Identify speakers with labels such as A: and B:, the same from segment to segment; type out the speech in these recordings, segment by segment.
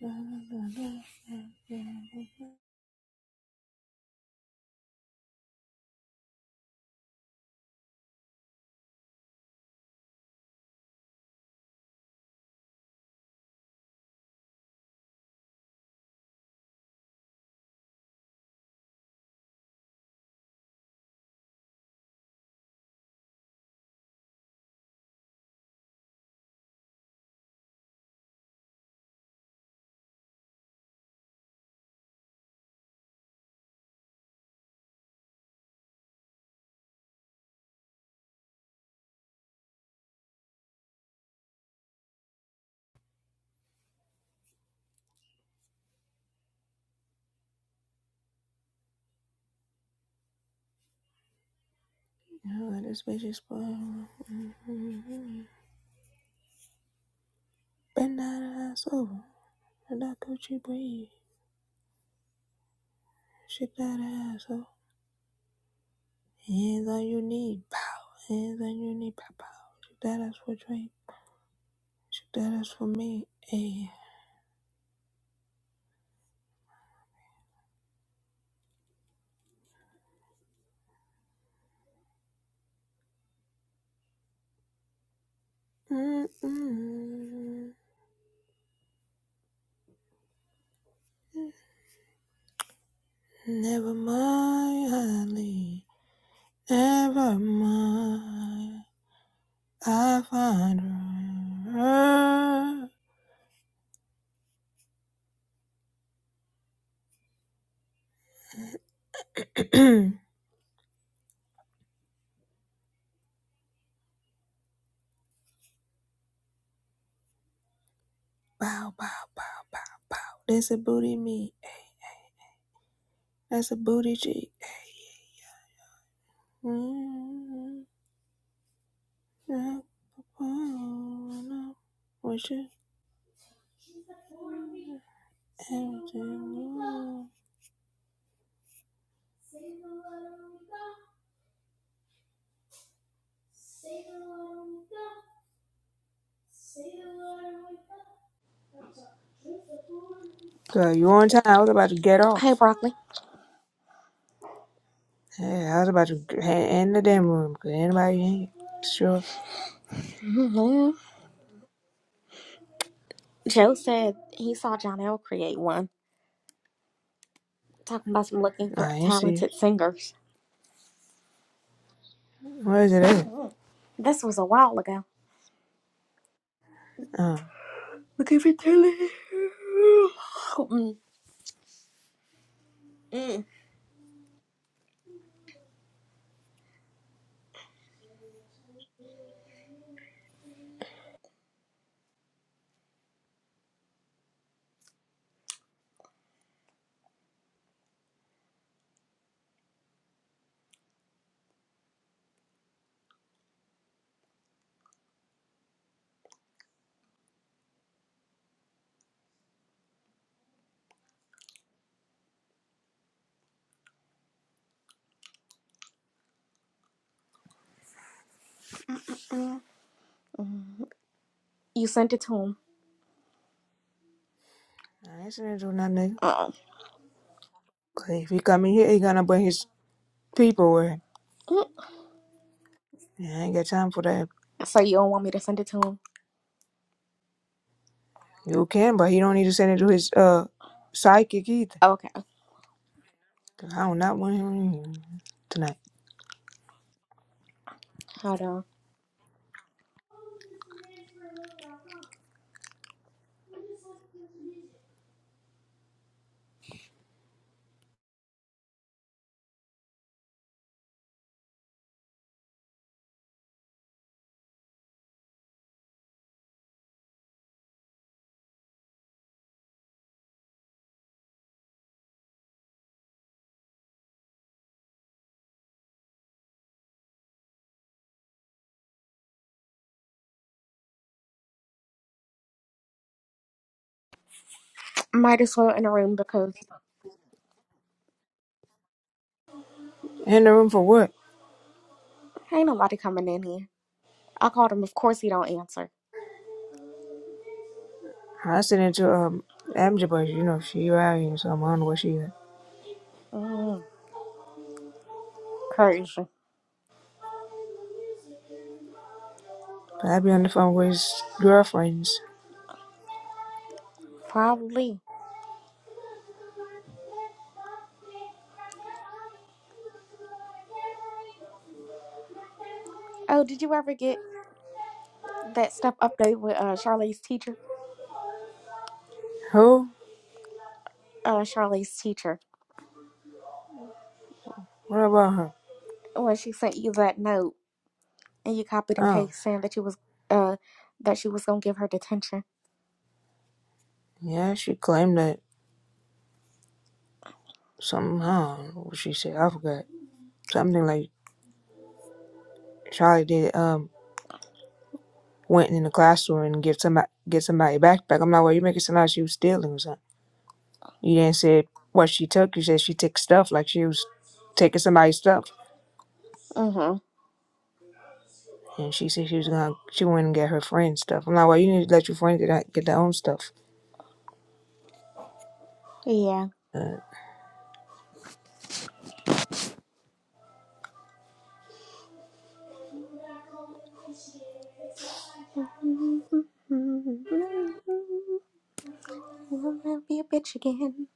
A: Now this bitch is spoiled. Bend that ass over. Let that coochie breathe. Shake that ass up. Hands on your knee. Pow. Hands on your knee. Pow, pow. Shake that ass for Drake. Shake that ass for me. Ayy. Mm-mm. Never mind, honey. Never mind. I find her. Bow, bow, bow, bow, bow. That's a booty me. That's a booty G. What you Girl, you on time. I was about to get off.
B: Hey, Broccoli.
A: Yeah, I was about to end the damn room. Cause anybody in here? Sure.
B: Mhm. Joe said he saw John L. create one, talking about some looking for
A: Nah, I ain't see it.
B: talented singers.
A: Where is it at?
B: Mhm. This was a while ago.
A: Oh,
B: Looking for talent. Mm, mm, mm, mm. You sent it to him.
A: nah, I ain't seen it do nothing. nigga.
B: Uh-uh.
A: Cause if he come in here, he gonna bring his people with him.
B: Mm.
A: Yeah, I ain't got time for that.
B: So you don't want me to send it to him?
A: You can, but he don't need to send it to his uh psychic either.
B: Okay,
A: I do not want him in here tonight.
B: hold on. Might as well in the room because
A: In the room for what?
B: ain't nobody coming in here. I called him. Of course he don't answer.
A: I said into um Amja, but you know she out here, so I don't know where she at.
B: Mm, crazy.
A: But I be on the phone with his girlfriends.
B: Probably. Oh, did you ever get that stuff update with uh, Charlie's teacher?
A: Who?
B: uh, Charlie's teacher
A: What about her?
B: when she sent you that note and you copied and
A: Oh,
B: pasted saying that you was uh that she was gonna give her detention.
A: yeah, she claimed that somehow what she said I forgot something like Charlie did. Um, went in the classroom and give somebody get somebody a backpack. I'm like, well, you make it sound like she was stealing or something. You didn't say what she took. You said she took stuff like she was taking somebody's stuff.
B: Mm-hmm.
A: And she said she was gonna she went and get her friend stuff. I'm like, well, you need to let your friend get that, get their own stuff.
B: Yeah.
A: Uh,
B: I'll never be a bitch again.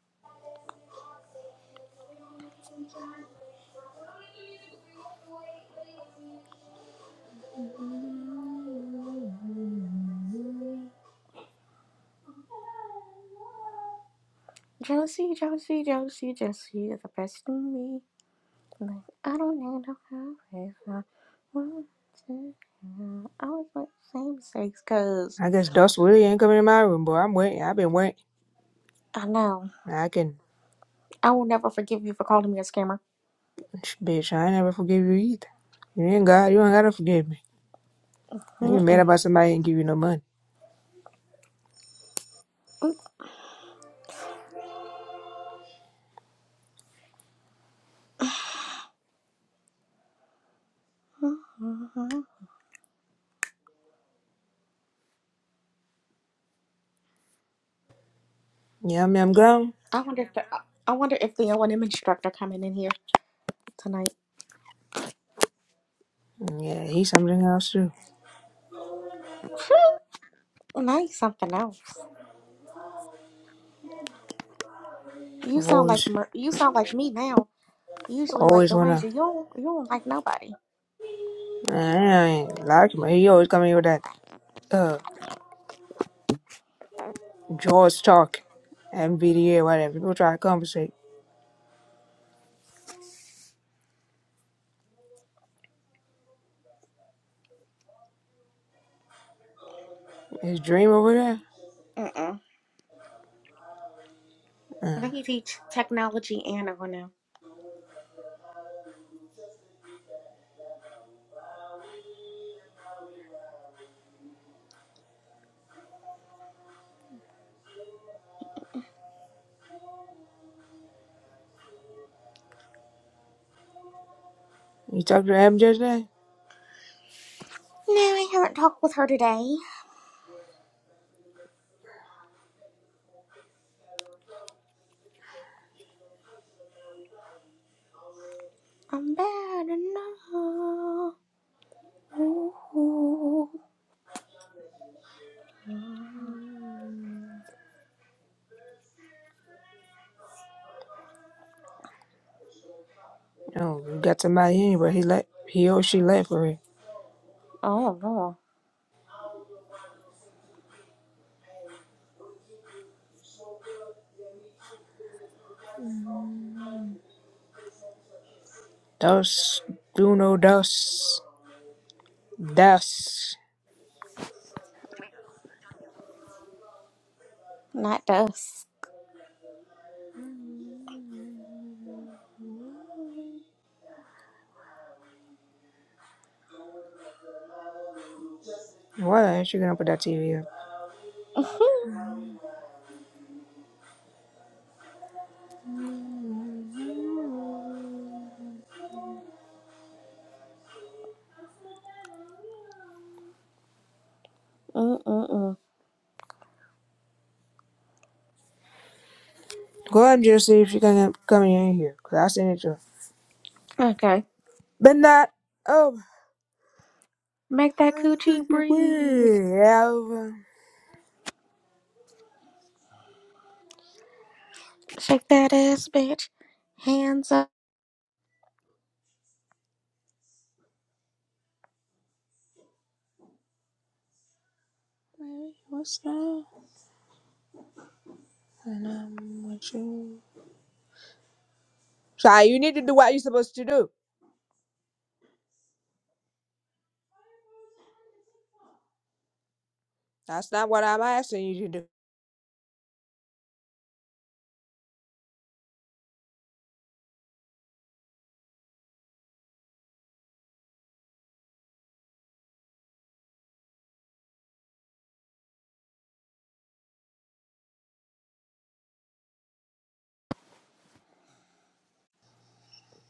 B: Josie, Josie, Josie, Josie, you the best in me. Like, I don't need no help. I to. I always make the same mistakes because
A: I guess Dust Willie ain't coming to my room, boy. I'm waiting. I've been waiting.
B: I know
A: I can,
B: I will never forgive you for calling me a scammer.
A: bitch. I ain't never forgive you either. You ain't got. You ain't gotta forgive me. You mad
B: Mm-mm.
A: about somebody ain't give you no money?
B: Mm-mm.
A: Yeah, I mean, I'm grown.
B: I wonder if the, I I wonder if the O and M instructor coming in here tonight.
A: Yeah, he's something else too.
B: Now you something else. You sound like
A: Always,
B: Mer- you sound like me now. Usually like
A: always
B: the
A: wanna.
B: wager. You don't, you don't like nobody.
A: I ain't like him. He always coming here with that uh George talk, MVDA, whatever. People try to compensate. His dream over there.
B: Uh mm I
A: Uh,
B: think you teach technology and O and M.
A: You talked to Ab the other
B: No, I haven't talked with her today. I'm bad enough. Ooh.
A: No, you got somebody anyway. He left. He or she left for it.
B: Oh no,
A: Dos, uno, dos, das.
B: not dust.
A: Why the ain't you gonna put that TV up?
B: Mm-mm-mm.
A: Go ahead and just see if she can come in here, cause I seen it too.
B: Okay,
A: But not. Oh,
B: make that coochie breathe.
A: Alva.
B: Shake that ass, bitch. Hands up.
A: Baby, what's up? And I'm with you. So you need to do what you're supposed to do. That's not what I'm asking you to do.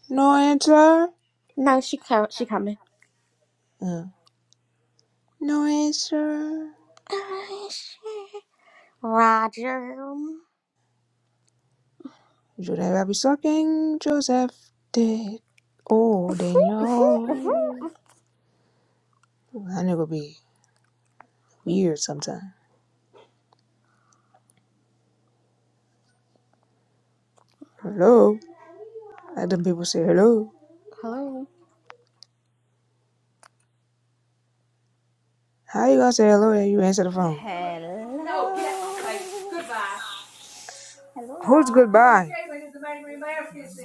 A: No answer.
B: No, she co- she coming.
A: Uh. No answer.
B: I shake. Roger.
A: Should I be sucking Joseph dick all day long? That nigga be weird sometimes. Hello? Let them people say hello.
B: Hello.
A: How you gonna say hello and you answer the phone?
C: Hello. Hello,
A: Who's
C: y'all.
A: goodbye?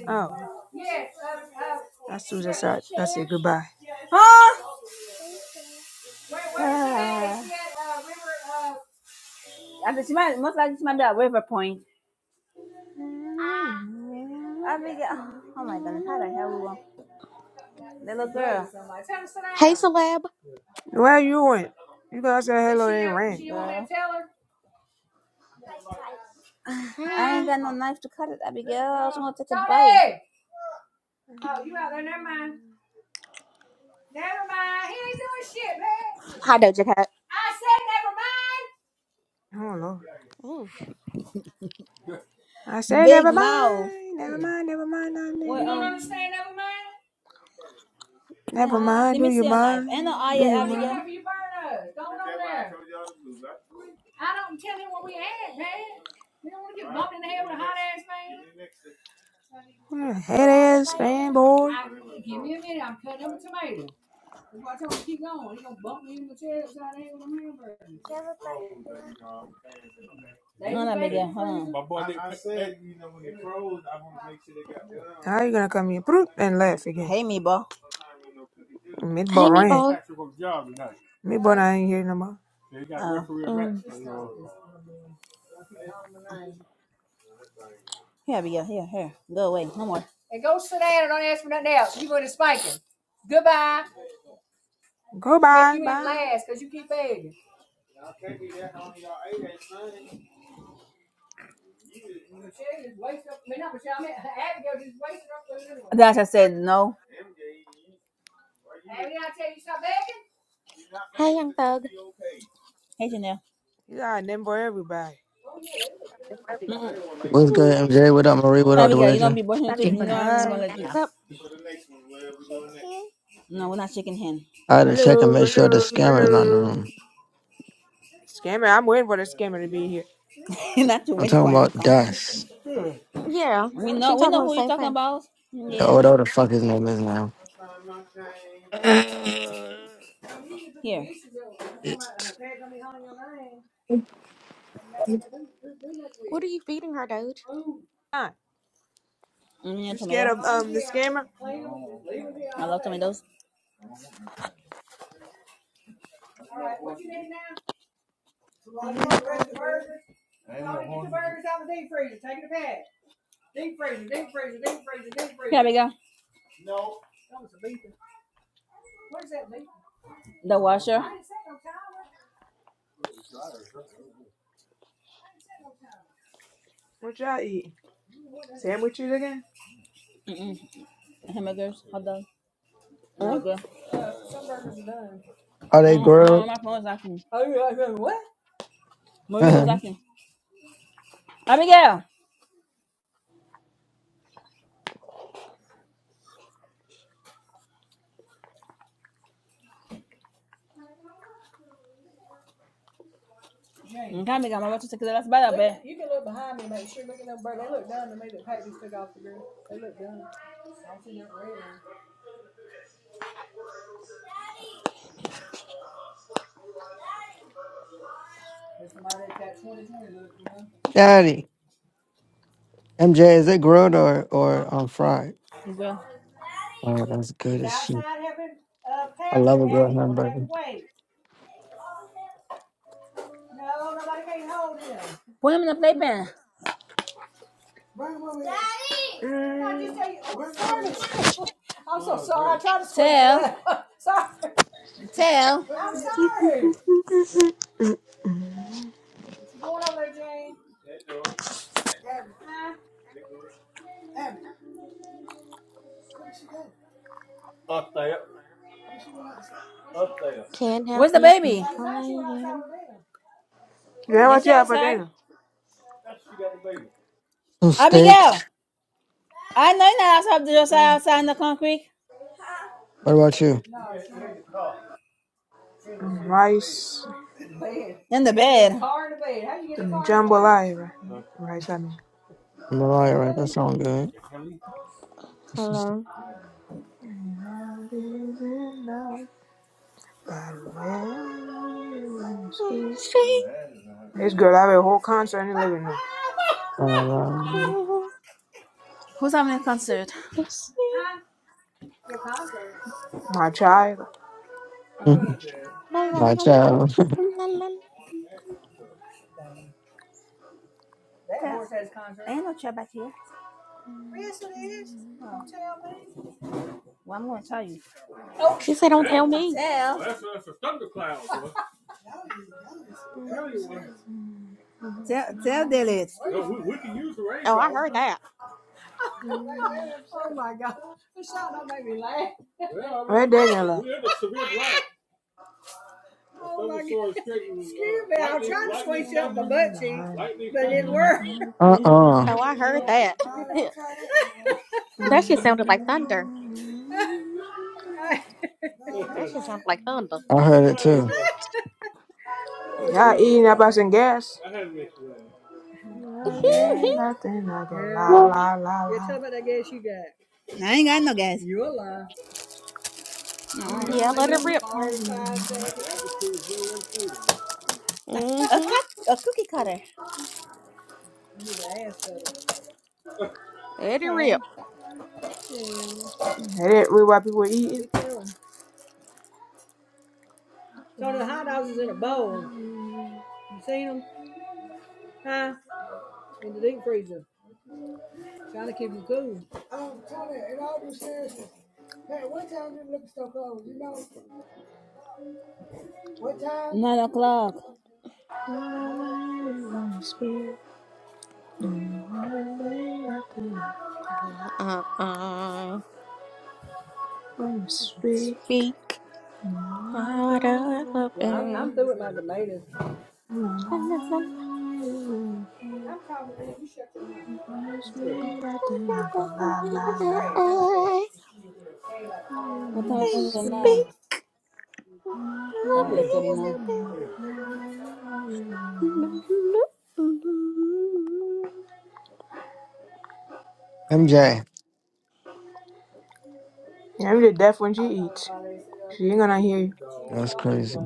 A: Oh, that's Susan side. That's it, goodbye.
C: Huh? Wait, Uh, I think she might most likely she might be at River Point. I be, oh my goodness, how the hell we going? Little girl,
B: Hey, celeb.
A: Where you went? You gonna say hello and
C: have?
A: ran.
C: didn't Hi. I ain't
B: Hey.
C: got no knife to cut it. Abigail. I be, girl, gonna take a bite.
B: Hi, Doja Cat.
A: Oh Lord.
B: Ooh.
A: I say
C: Big
A: never
C: mouth.
A: mind, never mind, never mind, no, no,
C: What, Well, um,
A: no.
C: then,
A: Never
C: Uh
A: mind,
C: let
A: do
C: me
A: you
C: see a knife. Ain't no eye
A: mind? Do
C: yet,
A: you
C: I
A: mind? Well, head ass band boy.
C: No, that make it, huh?
A: How you gonna come here broot, and laugh again?
C: Hey, me, boy.
A: Mid boy
B: Hey,
A: ran.
B: meatball.
A: Mid boy I ain't here no more.
C: Uh,
B: Mm.
C: here we go. Here, here. Go away. No more.
A: Go bye, bye.
C: That's I said no.
B: Hey, young thug.
C: Hey, Janelle. I
A: You got a name for everybody.
C: Mm-mm. I
D: What's
B: Mm.
D: good, MJ? What up, Marie?
C: Abigail,
D: What
C: There
D: up,
C: we
D: the
C: go. you don't
D: wager?
C: be brushing your teeth. You know
D: I
C: I'm not gonna
A: Hi.
C: let you.
B: So,
C: No, we're not shaking hands.
D: had to check and
A: Hello,
D: make sure the
A: hello,
D: scammer is not in the
A: hello.
D: room.
A: Scammer, I'm waiting for the scammer to be here.
C: not you
D: I'm
C: waiting for
D: talking
C: him to
D: about
C: come.
D: Dust.
B: yeah,
C: We know.
B: she
C: We
B: talking
C: know
B: about the
C: who you're
B: same
C: talking
B: thing.
C: about. Yeah.
D: Yo, whatever the fuck his name is now.
B: What are you feeding her, Doge?
A: Hi.
C: Mm, yeah, So
A: You scared
C: tomato.
A: of um the scammer? Mm-hmm.
C: go. The washer.
A: What y'all eat? Sandwiches again?
C: no Mm-mm. Hamburgers, hot dog,
B: Mm.
C: nigga.
D: Are they
C: No, no,
D: grilled?
C: my phone was asking. Marie was
D: Daddy.
C: asking. Abigail. Mm, Amiga, my brother took it last bite,
D: MJ, is it grilled or, or um, fried?
C: Girl.
D: Oh, that's good as shit. I love a grilled hamburger.
C: Put them in the playpen.
A: Mm.
C: Tell, tell.
B: Can't help
C: Where's the
B: you
C: baby?
B: from crying.
A: Yeah,
C: Yes,
A: what you
C: she
A: have for
C: outside.
A: dinner?
D: Some steaks.
C: Abigail, I know you're not outside. You're outside,
A: Oh,
C: outside in the concrete,
D: What about you?
A: um, rice,
C: in the bed.
A: um, jambalaya. Rice, I mean.
D: I'm a liar, right? That sounds good. This is-
B: Hello. She.
A: This girl have a whole concert in the living room.
D: um,
C: Who's having a concert?
A: My child.
C: Uh, that
D: My
B: Hello.
D: child.
C: a Ain't no chair back here. Oh, well, I'm gonna tell you.
B: She said, "Don't tell me."
C: Tell, Well, That's that's a thundercloud. tell, tell Dilly.
B: Oh, yeah.
A: Where Daniel at?
D: uh-uh.
B: that shit sounds like.
D: I heard it too.
A: all eating up us and gas. Nothing, I go la la la
C: I ain't got no gas. No.
B: yeah, let it rip.
A: la.
C: A,
B: Mm-hmm.
C: cut, a cookie cutter.
B: Let it rip.
C: Tell. Tell.
A: That it, we what people eating.
C: Nine o'clock.
B: Uh, uh,
A: When you
B: speak. Heart open. Speak.
A: speak. Promise me that they're not
B: Heart
A: gonna lie, lie, lie. All You
C: What
A: and me,
C: time is it
A: sweet.
C: now? Oh, eight thirty
B: is
C: nine.
B: open.
D: MJ.
A: Yeah, you're deaf when she eats. She ain't gonna hear you.
D: That's crazy.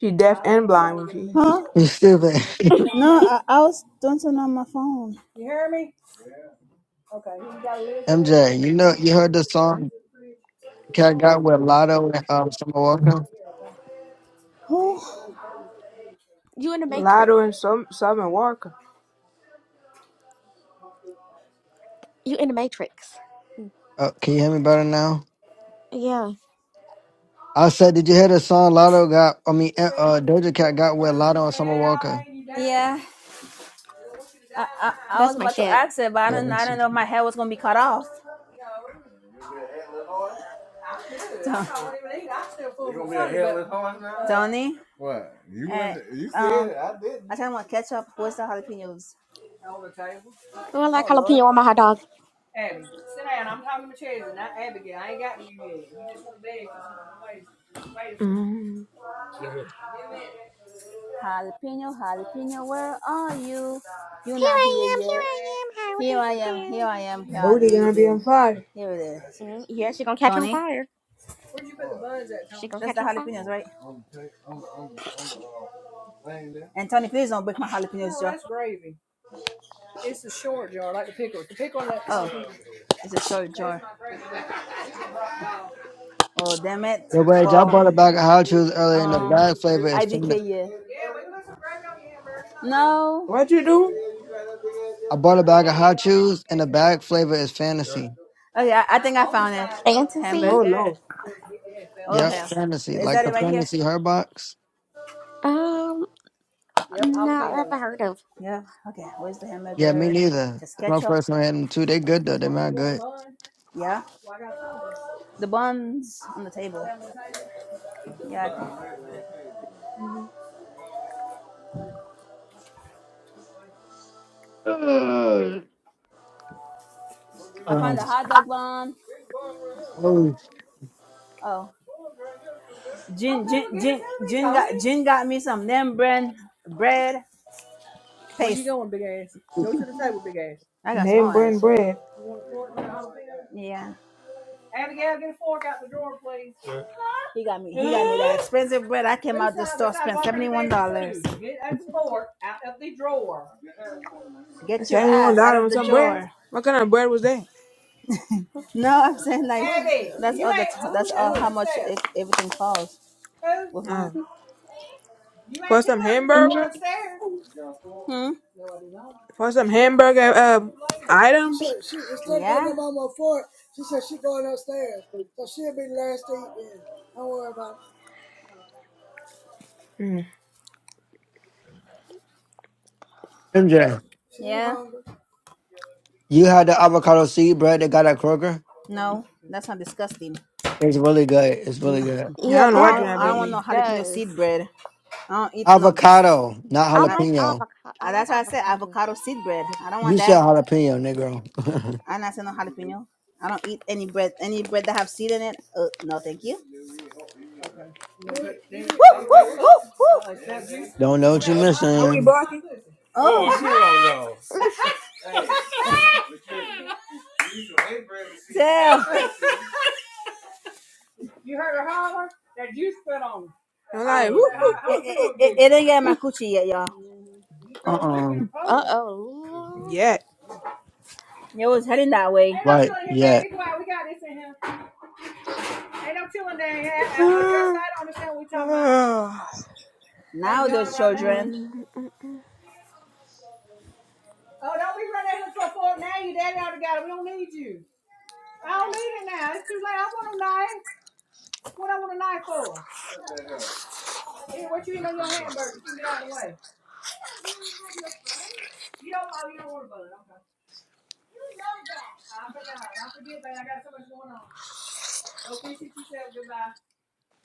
A: She deaf and blind when she eats.
C: Huh?
D: You stupid.
C: No, I, I was doing something on my phone.
D: MJ, you know, you heard the song Cat Got with Lotto and um, Summer Walker?
C: Who?
B: You in the
A: Lotto
B: Matrix.
A: and some Southern Walker.
B: You in the Matrix.
D: Uh, can you hear me better now?
B: Yeah,
D: I said, did you hear the song Lotto got, I mean, uh, uh, Doja Cat got with Lotto and Summer Walker?
C: Yeah, I, I I was
B: that's my
C: about to
B: shit.
C: ask it, but I
D: Yeah,
C: don't I
D: that's
C: don't
D: it.
C: know if my hair was gonna be cut off. So, Tony, uh, um, I kind of want ketchup. Where's the jalapenos?
B: Oh, I like
C: Oh Lord.
B: jalapeno on my hot dog. Here
A: Mm.
C: Jalapeno, jalapeno, where are you? You're not here
B: I am, here
C: yet.
B: I am. How
C: Here
B: do
C: I
B: you
C: am, here
B: do?
C: I am, how
A: Booty
C: do you
A: gonna be on
C: do?
A: fire.
C: Here it is.
B: Mm, yeah, she gonna catch on
C: Tony,
B: fire. She gonna
C: that's
B: catch
C: the
B: on fire.
C: jalapenos, right? And Tony, please don't break my jalapenos jar. That's gravy. Oh, it's a short jar. Oh, damn it.
D: Yo, wait, y'all
C: Well,
D: bought a bag of hot chews earlier and the bag
C: um,
D: flavor is
C: IDK, yeah.
D: fantasy.
C: Yeah, we can put some gravy on your hamburger. No.
A: What you do?
D: I bought a bag of hot chews and the bag flavor is fantasy.
C: Okay, I, I think I found it.
B: Fantasy?
A: Oh
C: Hamburger.
A: Lord.
C: Oh,
D: Yep,
C: hell.
D: fantasy.
C: Is
D: Like
C: that it
D: the
C: right here?
D: fantasy her box?
B: Um, not ever heard of.
C: Yeah. Okay, where's the
D: Yeah, me
C: hamburger?
D: neither.
C: Just
D: It's my
C: ketchup.
D: first time had them too. They good though. They mad good.
C: Yeah. The buns on the table. Yeah, I think.
D: Uh,
C: I
D: um,
C: found a hot dog bun.
D: oh,
C: Oh, Jin, Jin, Jin, Jin got Jin got me some them bread, bread where paste. I got
A: Name
C: small
A: brand
C: ass.
A: bread.
C: Yeah, he got me. He got me that expensive bread. I came out the store, spent seventy one dollars. Get that fork out of the drawer.
A: I
C: Get your
A: said anyone
C: ass out
A: died
C: of
A: on
C: the
A: some bread?
C: drawer.
A: What kind of bread was that?
C: No, I'm saying like that's all the that's all how much it, everything costs with mine.
A: Oh. For some hamburger?
C: Hmm.
A: For some hamburger uh items?
C: Yeah.
A: Mm.
D: MJ.
C: Yeah.
D: You had the avocado seed bread they got at Kroger.
C: No, that's not disgusting.
D: It's really good. It's really
C: Mm,
D: good.
A: I
B: Yeah,
A: don't know why
C: I
B: that
C: don't.
A: John
C: I don't
A: be
C: want
B: really
C: no
A: here.
C: jalapeno
B: does.
C: seed bread. I don't eat no. s-
D: Avocado, not
B: I
C: I-
B: like
D: jalapeno.
B: avocado. I
C: I-
B: like
C: That's why I said
B: avocado.
C: avocado seed bread. I don't
D: You
C: want
D: said
C: that.
D: jalapeno, Negro.
C: I'm not saying no jalapeno. I don't eat any bread. Any bread that have seed in it. Uh, no, thank you. Woo, woo, woo, woo.
D: Don't know what you
A: Are we
D: missing.
A: barking?
C: Oh, damn!
A: I'm like, whoo, whoo,
C: It,
A: whoo, whoo.
C: it, it, it didn't get in my coochie yet, y'all.
D: Uh uh
B: Mm. Uh oh.
A: Yeah.
C: It was heading that way. Ain't no
D: Right.
C: chewing here,
D: Yeah.
C: baby. Come on, We got this in here.
A: you
C: Now those children.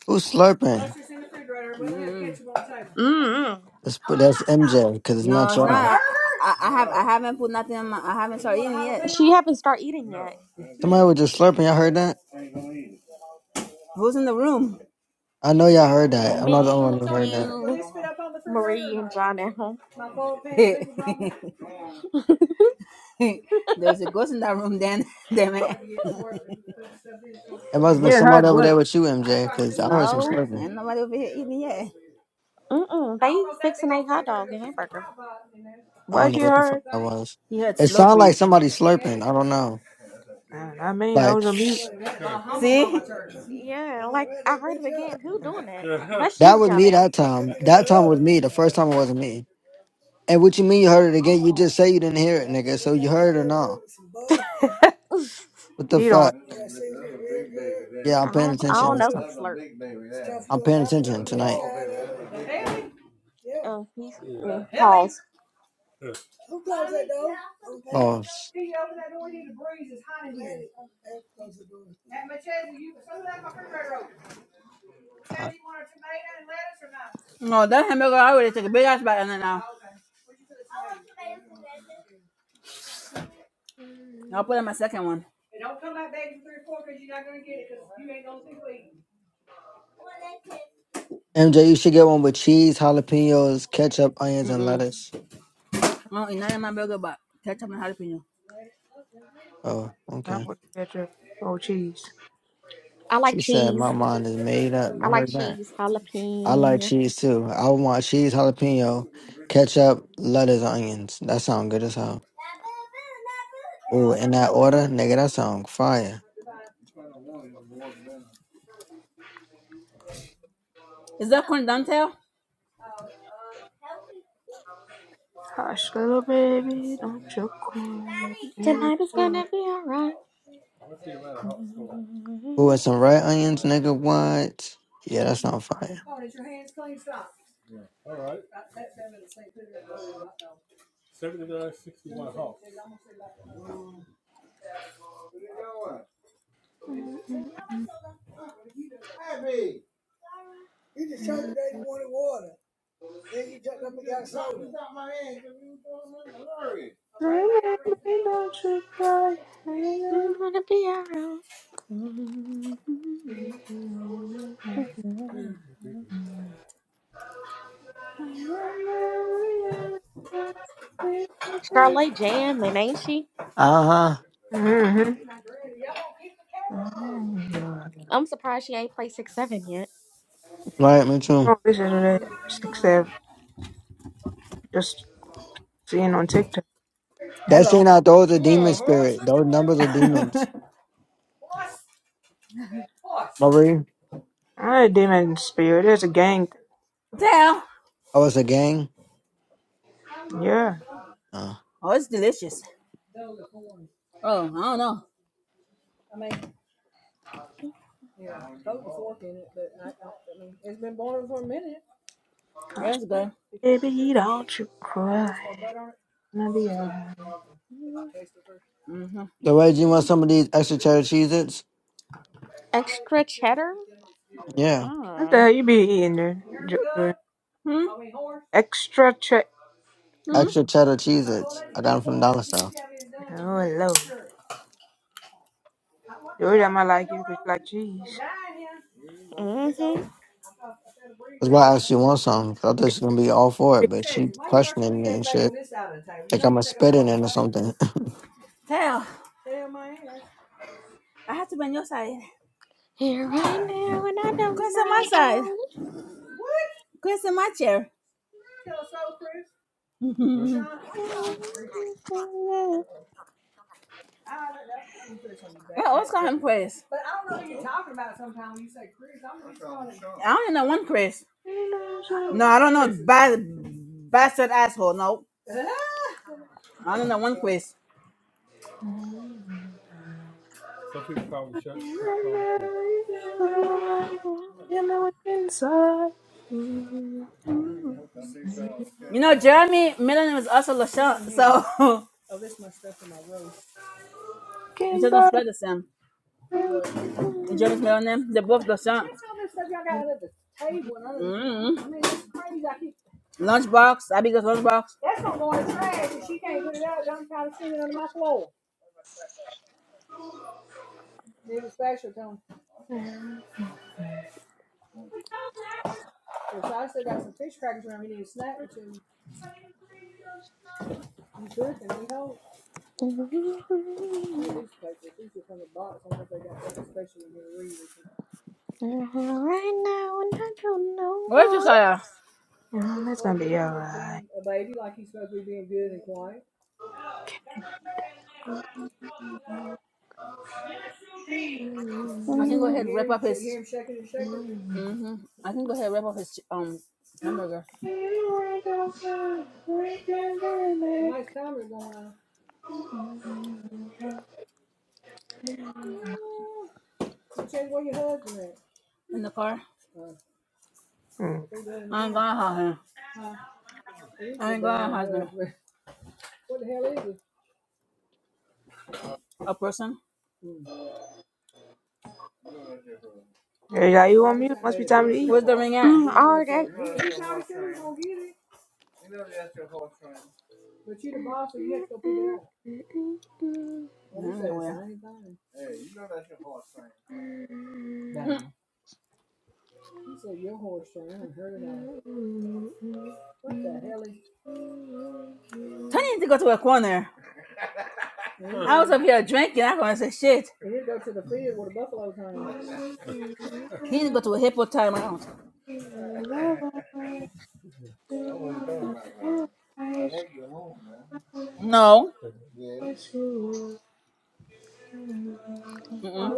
D: Who's slurping?
C: Mm.
B: Mm.
D: That's, that's MJ because it's
C: No,
D: not
C: it's
D: y'all.
C: not. I, I have I haven't put nothing in my I haven't started eating yet.
B: She haven't started eating yet.
D: Somebody was just slurping. Y'all heard that?
C: Who's in the room?
D: I know y'all heard that. I'm not the only one
B: Me,
D: who heard that.
B: you, Marie, and John at home.
C: My gold pan. there was a ghost in that room then, damn it.
D: It must have been somebody
A: heard
D: over there
A: what?
D: with you, MJ, because I heard some
C: no,
D: slurping.
C: ain't nobody over here eating yet.
B: Mm-mm. They fixing a hot dog and hamburger.
D: I
A: Why
D: don't know
A: she
D: what the fuck
A: heard?
D: that was.
C: He heard
D: It sounded like
C: slurping.
D: somebody slurping. I don't know.
A: I don't know. I mean, I
D: Like.
A: was on mute.
C: See?
B: Yeah, like I heard it again. Who doing that? That's
D: That
B: you,
D: was
B: John
D: me
B: L.
D: that time. That time was me. The first time it wasn't me. And what you mean you heard it again? You just say you didn't hear it, nigga. So you heard it or no?
B: I
D: What the
A: She
D: fuck?
A: don't.
D: Yeah, I'm paying
B: don't, I
D: attention
B: don't
D: this
B: know who
D: time.
B: slurp.
D: I'm paying attention tonight.
B: Uh, he's mm, pause.
D: Oh, God.
C: No, that hamburger I already took a big ass bite and then I'll, I'll put in my second one.
D: MJ, you should get one with cheese, jalapenos, ketchup, onions, and
C: Mm-mm.
D: lettuce.
C: No, it's not in my burger but ketchup and jalapeno.
D: Oh,
A: I
D: okay.
A: want to catch her. Oh, jeez.
B: I like
D: She said,
B: cheese.
D: my mind is made up.
B: I
D: I
B: like
D: heard that.
B: cheese.
D: I like
B: Jalapeno.
D: cheese too. I would want cheese, jalapeno, ketchup, lettuce, onions. That sound good as hell. Oh, in that order, nigga, that sound fire.
C: Is that corn done, Tal?
A: Hush, little baby, don't you cry.
B: Tonight is gonna be alright.
D: Who
B: We're
D: had some red onions, nigga? What? Yeah, that's not fire.
A: Little baby, don't you cry.
B: gonna be alright. Mm. Charlotte jamming, ain't she?
D: Uh huh.
A: Mm-hmm.
B: I'm surprised she ain't played six seven yet.
D: Right, me too.
A: Oh, this is what I six I've just seen on TikTok.
D: That shit
C: Hello.
D: out. Those are demon spirit. Those numbers are demons.
C: Tal?
D: Marie,
A: Ah, demon spirit, it's a gang
C: Oh,
D: oh, it's a gang.
A: thing. Yeah.
D: Uh.
C: it's delicious. Oh, I don't know.
A: Oh,
C: Yeah, it's good.
A: baby, don't you cry. Gonna be
C: Mm-mm.
A: alright.
B: Mm.
C: Mm-hmm.
D: The way you want some of these extra cheddar Cheez-Its?
B: Extra cheddar.
D: Yeah,
A: What the
B: Mm.
A: hell you be eating there, Jo- Jordan?
C: Hmm? Are we horse?
A: Extra check.
C: Hmm?
A: Mm,
D: extra cheddar Cheez-Its. I got them from Dollar Store.
A: oh, Lord. Jordan, I might like you because you like cheese.
B: hmm
D: That's why I actually want some. 'cause I thought
A: Okay.
D: she was gonna be all for it, but she questioning it and shit. Like I'm a spitting it or something.
C: Tell, I have to be on your side.
B: Here right now, and I don't
C: Chris on my side. Chris in my chair. Mhm. I don't know.
B: know why.
C: I'm going to on you back. I always call him Chris. I only know one Chris.
A: You know
C: I don't
A: something,
C: No, I don't know. Bad, bastard asshole. No, I only know one Chris.
A: you
B: Right
A: know
B: now,
A: you know what's inside. You
C: you know, Jeremy middle name is also LaShawn, so So, we
A: can
C: just don't
A: buy
C: spell
A: it.
C: the same. Jerry's Mill and they both got some. you Mm-hmm. Lunchbox, Abigail's lunchbox.
B: and I don't
C: Where's
B: know.
C: Josiah?
A: Mm, It's gonna be alright.
C: I can go ahead and rip up his. You Mm-hmm. I can go ahead and rip up his um hamburger in the car.
A: Mm.
C: I ain't going got a husband. I ain't got a A person.
A: Hey, Are you on mute? Must be time to
C: Where's
A: eat.
C: the ring at?
B: Mm, all right.
C: Tony need to go to a corner. I was up here drinking. I gonna say shit. He need to go to a hippo time No. Mm-mm.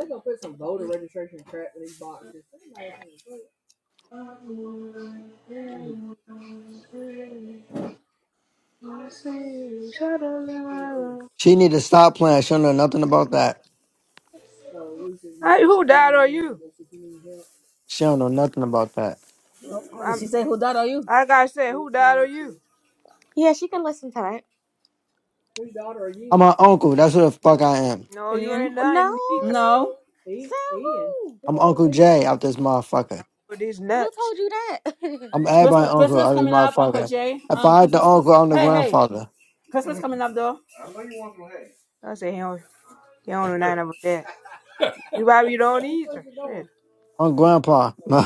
D: she need to stop playing. She don't know nothing about that.
A: Hey, who died or you?
D: She don't know nothing about that.
C: Nope. Did
A: I'm,
C: she say who that are you?
A: like I said, who died or you?
B: Yeah, she can listen to that.
D: I'm her uncle. That's who the fuck I am.
A: No, you ain't
C: Alien?
B: No.
A: nothing either
C: No.
B: So who?
D: I'm Uncle Jay out this motherfucker.
A: for these
B: Who
A: nuts.
B: told you that?
D: I'm everybody
C: Christmas
D: uncle
C: Christmas
D: out this
C: coming up, Uncle
D: motherfucker.
C: Jay.
D: If
C: Um
D: I had the
C: Christmas
D: uncle, I'm the
C: Hey, hey.
D: grandfather.
C: Christmas
A: Mm,
C: coming up though.
A: I said, he don't, he don't know nothing about that. You probably don't either. Shit.
D: I'm grandpa. No.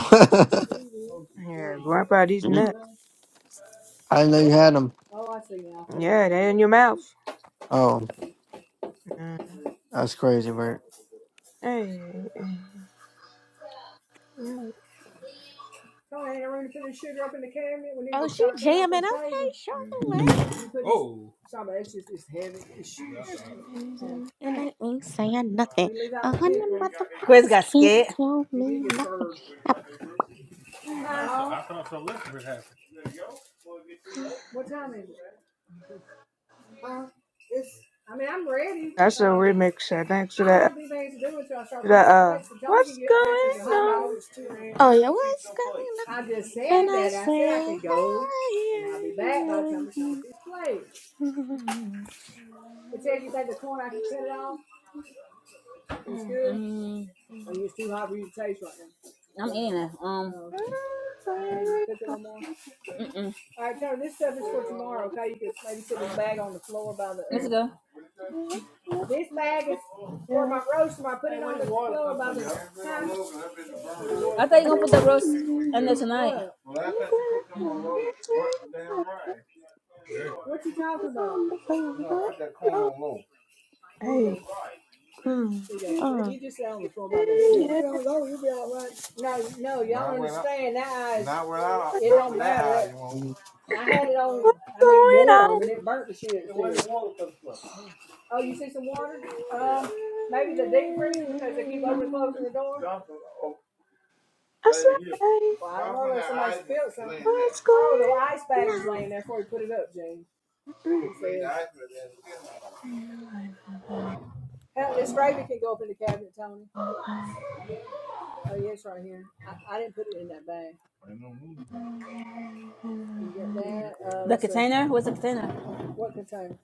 A: Yeah, grandpa, these nuts.
D: I didn't know you had him.
A: Yeah, they in your mouth.
D: Oh,
A: Mm.
D: that's crazy, Bert.
A: Hey,
B: oh, she jamming. Okay, Charlotte. And I ain't saying nothing. A hundred
C: Chris
B: motherfuckers
C: got
B: can't
C: scared.
B: tell me nothing. I-
A: that's a remix. I thanks to that. To that uh, what's going on?
B: oh, yeah, what's going on? And I say,
C: Mm, I'm in. it. Um Oh, okay. mm-mm. Uh, Let's go. I thought you fountain. gonna put the roast in there tonight.
A: I say, what's going?
C: The container? What's the container?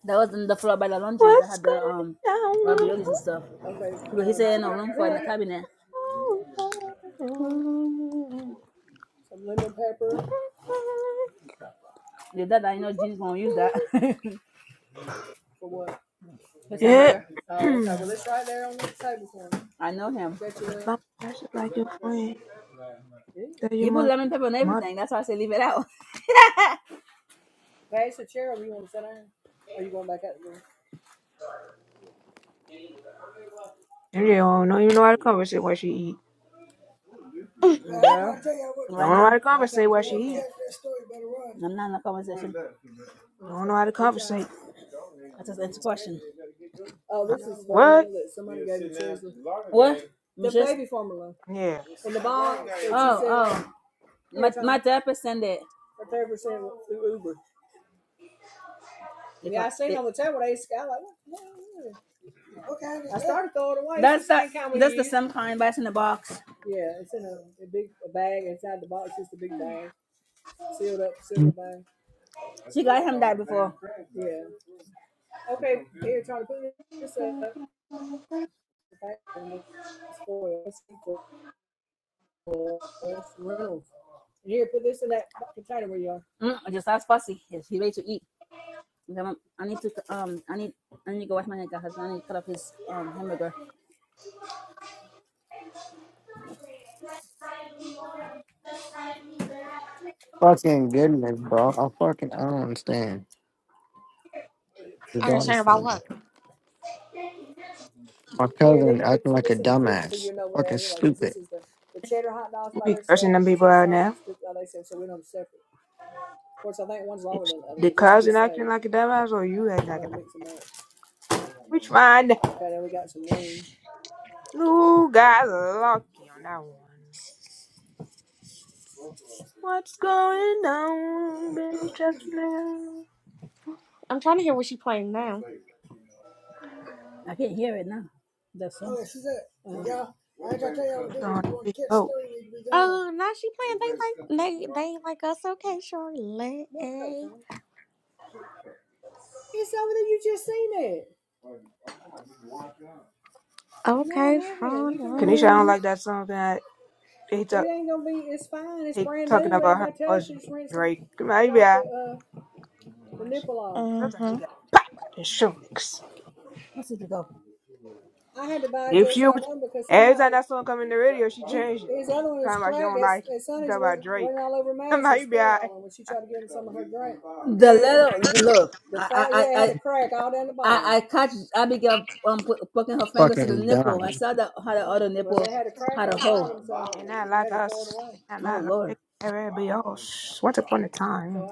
C: that was on the floor by the laundry that
A: What's
C: had the um
A: going on?
C: raviolis and stuff. Because he said
A: I
C: no room for it in the
A: say,
C: cabinet.
A: oh, oh, oh.
C: If that I know Gene's gonna use that. His hamburger.
A: yeah.
C: I know him.
A: That's like your friend. Tell your
C: He put
A: mother,
C: lemon pepper on
A: mother,
C: everything. That's why I say leave it out. I
A: you don't know, you know how to conversate while she eat.
C: you
A: You
C: right
A: don't know how
C: now,
A: to conversate while she eat.
C: I'm not in the conversation.
A: You don't know how to conversate.
C: That's just answer question.
A: Uh, What?
C: Just
A: Yeah.
C: oh oh. My my therapist sent it. it what? That's that. That's the same kind that's in the box.
D: fucking
C: Oh, She got him that before. Mm, just ask Fussy. Yes, he ready to eat. I need to um. I need. I need to go wash my hands. I need to cut off his um hamburger.
D: goodness, bro. I fucking I don't understand. The daughter's from me. My cousin acting like a dumbass. Fucking stupid.
A: We be cursing them people out now. It's the cousin acting like a dumbass or you acting like a dumbass. Which one? You guys are lucky on that one. What's going on, bitch, just now?
B: I'm trying to hear what she playing now.
C: I can't hear it now. That's song.
A: That's on big boat.
B: Oh, now she playing. They like they they like us. Okay, Charlotte. Okay,
A: Kanisha, I don't
B: Charlotte.
A: like that song that he talk, he talking about her husband, Drake. Come on, yeah. Well,
B: Uh
A: Sometimes he
B: huh.
A: got the shoelix.
C: What's it called?
A: If she was, every time that song come in the radio, she changed it. Talking about she don't like it. You talking about Drake. I'm like, you be alright.
C: Wow. The
A: Hey,
C: little look. the I I I. I, I catch Abigail um poking her fingers to the
D: Fucking
C: nipple.
D: dumb.
C: I saw that how the other Well, nipple well, had a hole.
A: they're not like us. They're
C: Oh
A: not like us.
C: Lord.
A: They can never be us. Once upon a time.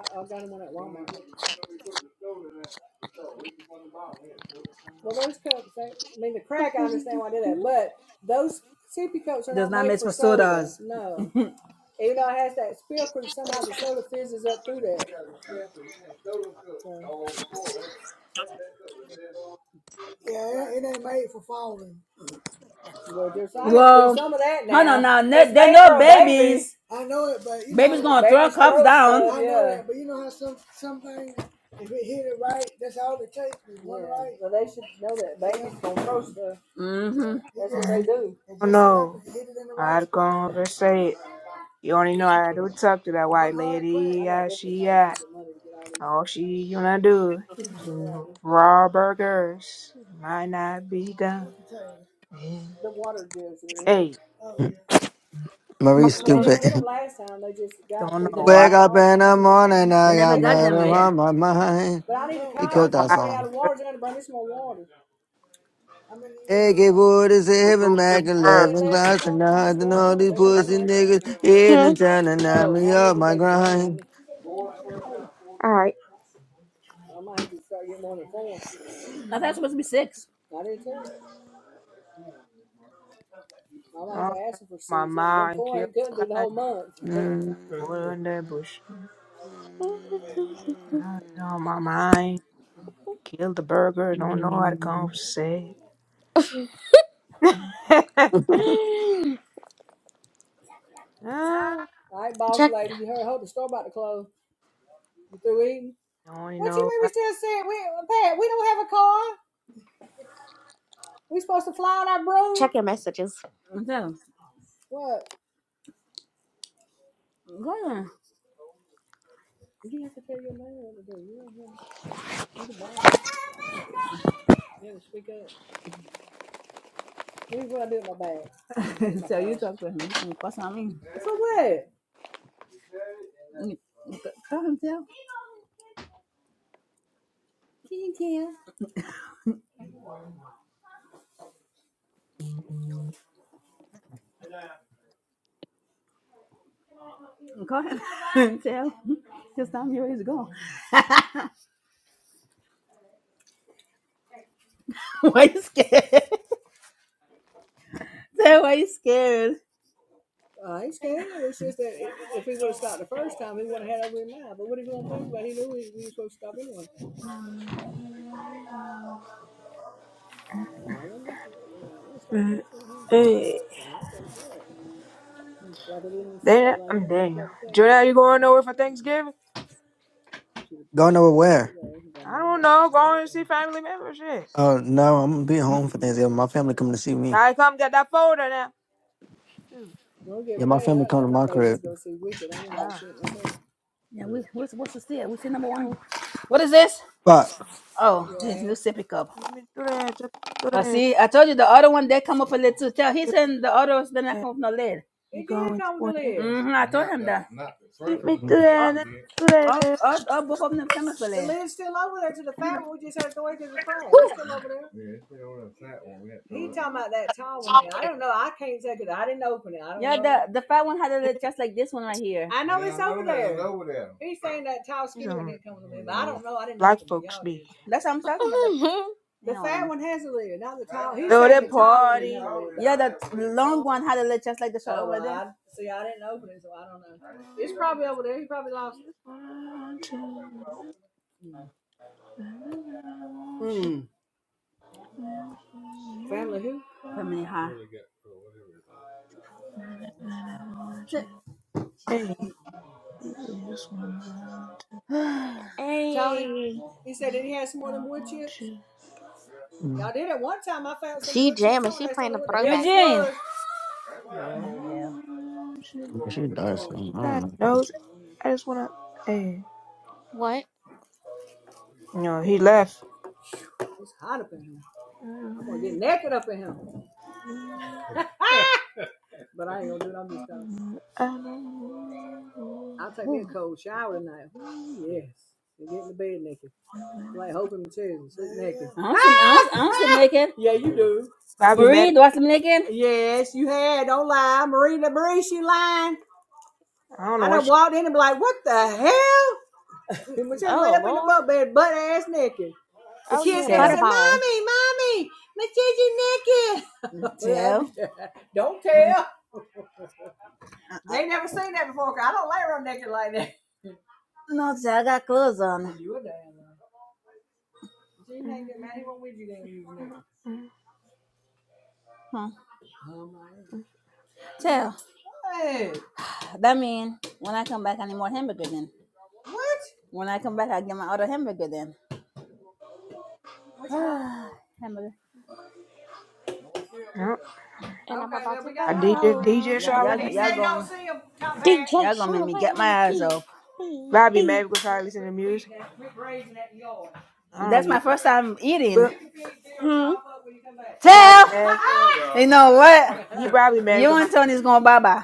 C: Does not mix with sodas. well, Well, hold on now. They, they know Babies gonna throw cups down. Mm-hmm.
A: Mhm. Oh no. I'd conversate. You only know how to talk to that white lady. How she act. All she wanna do is raw burgers. Might not be done. Yeah. Hey.
D: Marie stupid.
A: Don't
C: They,
A: know. I
D: Wake up in the morning,
C: they
D: I
C: never
D: got
C: got them
D: murder
C: yet.
D: on my mind. He
A: don't
D: killed
A: know.
D: that
A: I
D: song. AK 47,
A: absolutely
D: Mac
A: heard.
D: 11, glass and nothing. All these pussy niggas hitting and trying to knock me off my grind.
B: All right.
C: I thought it was supposed to be six.
A: Oh, my mind killed somebody.
D: Mm.
A: Put in that bush. I don't know. My mind killed the burger. Don't know how to conversate. Ah,
B: check
A: don't know.
B: check your messages.
C: So, go Oh ahead. so you talk to him. He's on me. You- Call him, tell. Can you tell? Call him, tell. Just tell me where he's going. Why you scared? Dad, why you scared?
A: Mm, Hey, Daniel, I'm Daniel. Jordan, you going nowhere for Thanksgiving?
D: Going over where?
A: I don't know. Going to see family members. Shit.
D: Oh, no, I'm gonna be home for Thanksgiving. My family coming to see me.
A: Try to come get that folder now. Shoot.
D: Yeah, my family come to my crib.
A: Oh.
C: Yeah, we, what's, what's the see? We see number one. What is this?
D: Fuck.
C: Oh, this new sippy cup.
A: Let me through there. Just through
C: I uh,
A: there.
C: see. I told you the other one they come up a lid too. Tell he
A: Through
C: said the other ones did not
A: there.
C: come with no lid.
A: We
C: It did
A: going to
C: come with a
A: win.
C: lid. mm hmm I told not him the, that. Not the first
A: Let me
C: one, but
A: do
C: the second Oh,
A: that.
C: one
A: Let me
C: did.
A: do
C: oh,
A: that.
C: oh, oh, both of them coming for lid. The the the lid's still still over over there there. to to fat one. one. We just had to wait till the crack. It's I'm I I I not don't know. I can't take it. I didn't that tall know. open it. I don't Yeah, know. the the fat one had a
A: Let
C: lid just like this one right here. I
A: some black folks be.
C: That's what I'm talking about. The, no,
A: Build a party. for-
C: one had a lid just like the
A: One, two, three, I want
C: know.
A: you, to dance
C: Hmm.
A: with me.
C: Family high.
A: I want
C: T-
A: you. Hey, we just want to
B: hey,
A: I want you,
D: Mm.
B: she jamming. She playing a throwback.
A: man,
C: Yeah.
A: I want you.
D: yeah, She does. so I
A: God
D: don't know.
A: knows, I just wanna. Hey,
B: What?
A: you know he left. I don't know.
C: I am not I am I am not see naked.
A: Bobby
C: Marie,
A: Madden,
C: do I see me naked?
A: I don't know what she.
B: Oh Lord. Oh yeah, Butterball.
C: Well, Tell. No, tell. I got clothes on.
A: Mm. Mm,
C: lie. Hmm. Tell. That mean when I come back, I need more hamburger then. When I come back, I get my other hamburger then. hamburger.
A: Yep.
B: And I'm about to
A: I DJ DJ
C: Yeah,
B: go.
C: y'all,
A: Charlotte.
C: y'all gonna,
B: DJ
C: y'all gonna make
B: Charlotte
C: me get
B: on the
C: my eyes
B: beat,
C: up.
B: beat,
A: Probably
B: beat.
A: mad because Charlotte listen to music. I
C: That's
A: don't
C: my
A: give
C: first time
A: a
C: eating.
A: fuck.
B: Hmm.
A: He probably
C: Tell.
A: mad.
C: You know what?
A: He probably mad
C: You
A: because my
C: and Tony's gonna bye bye.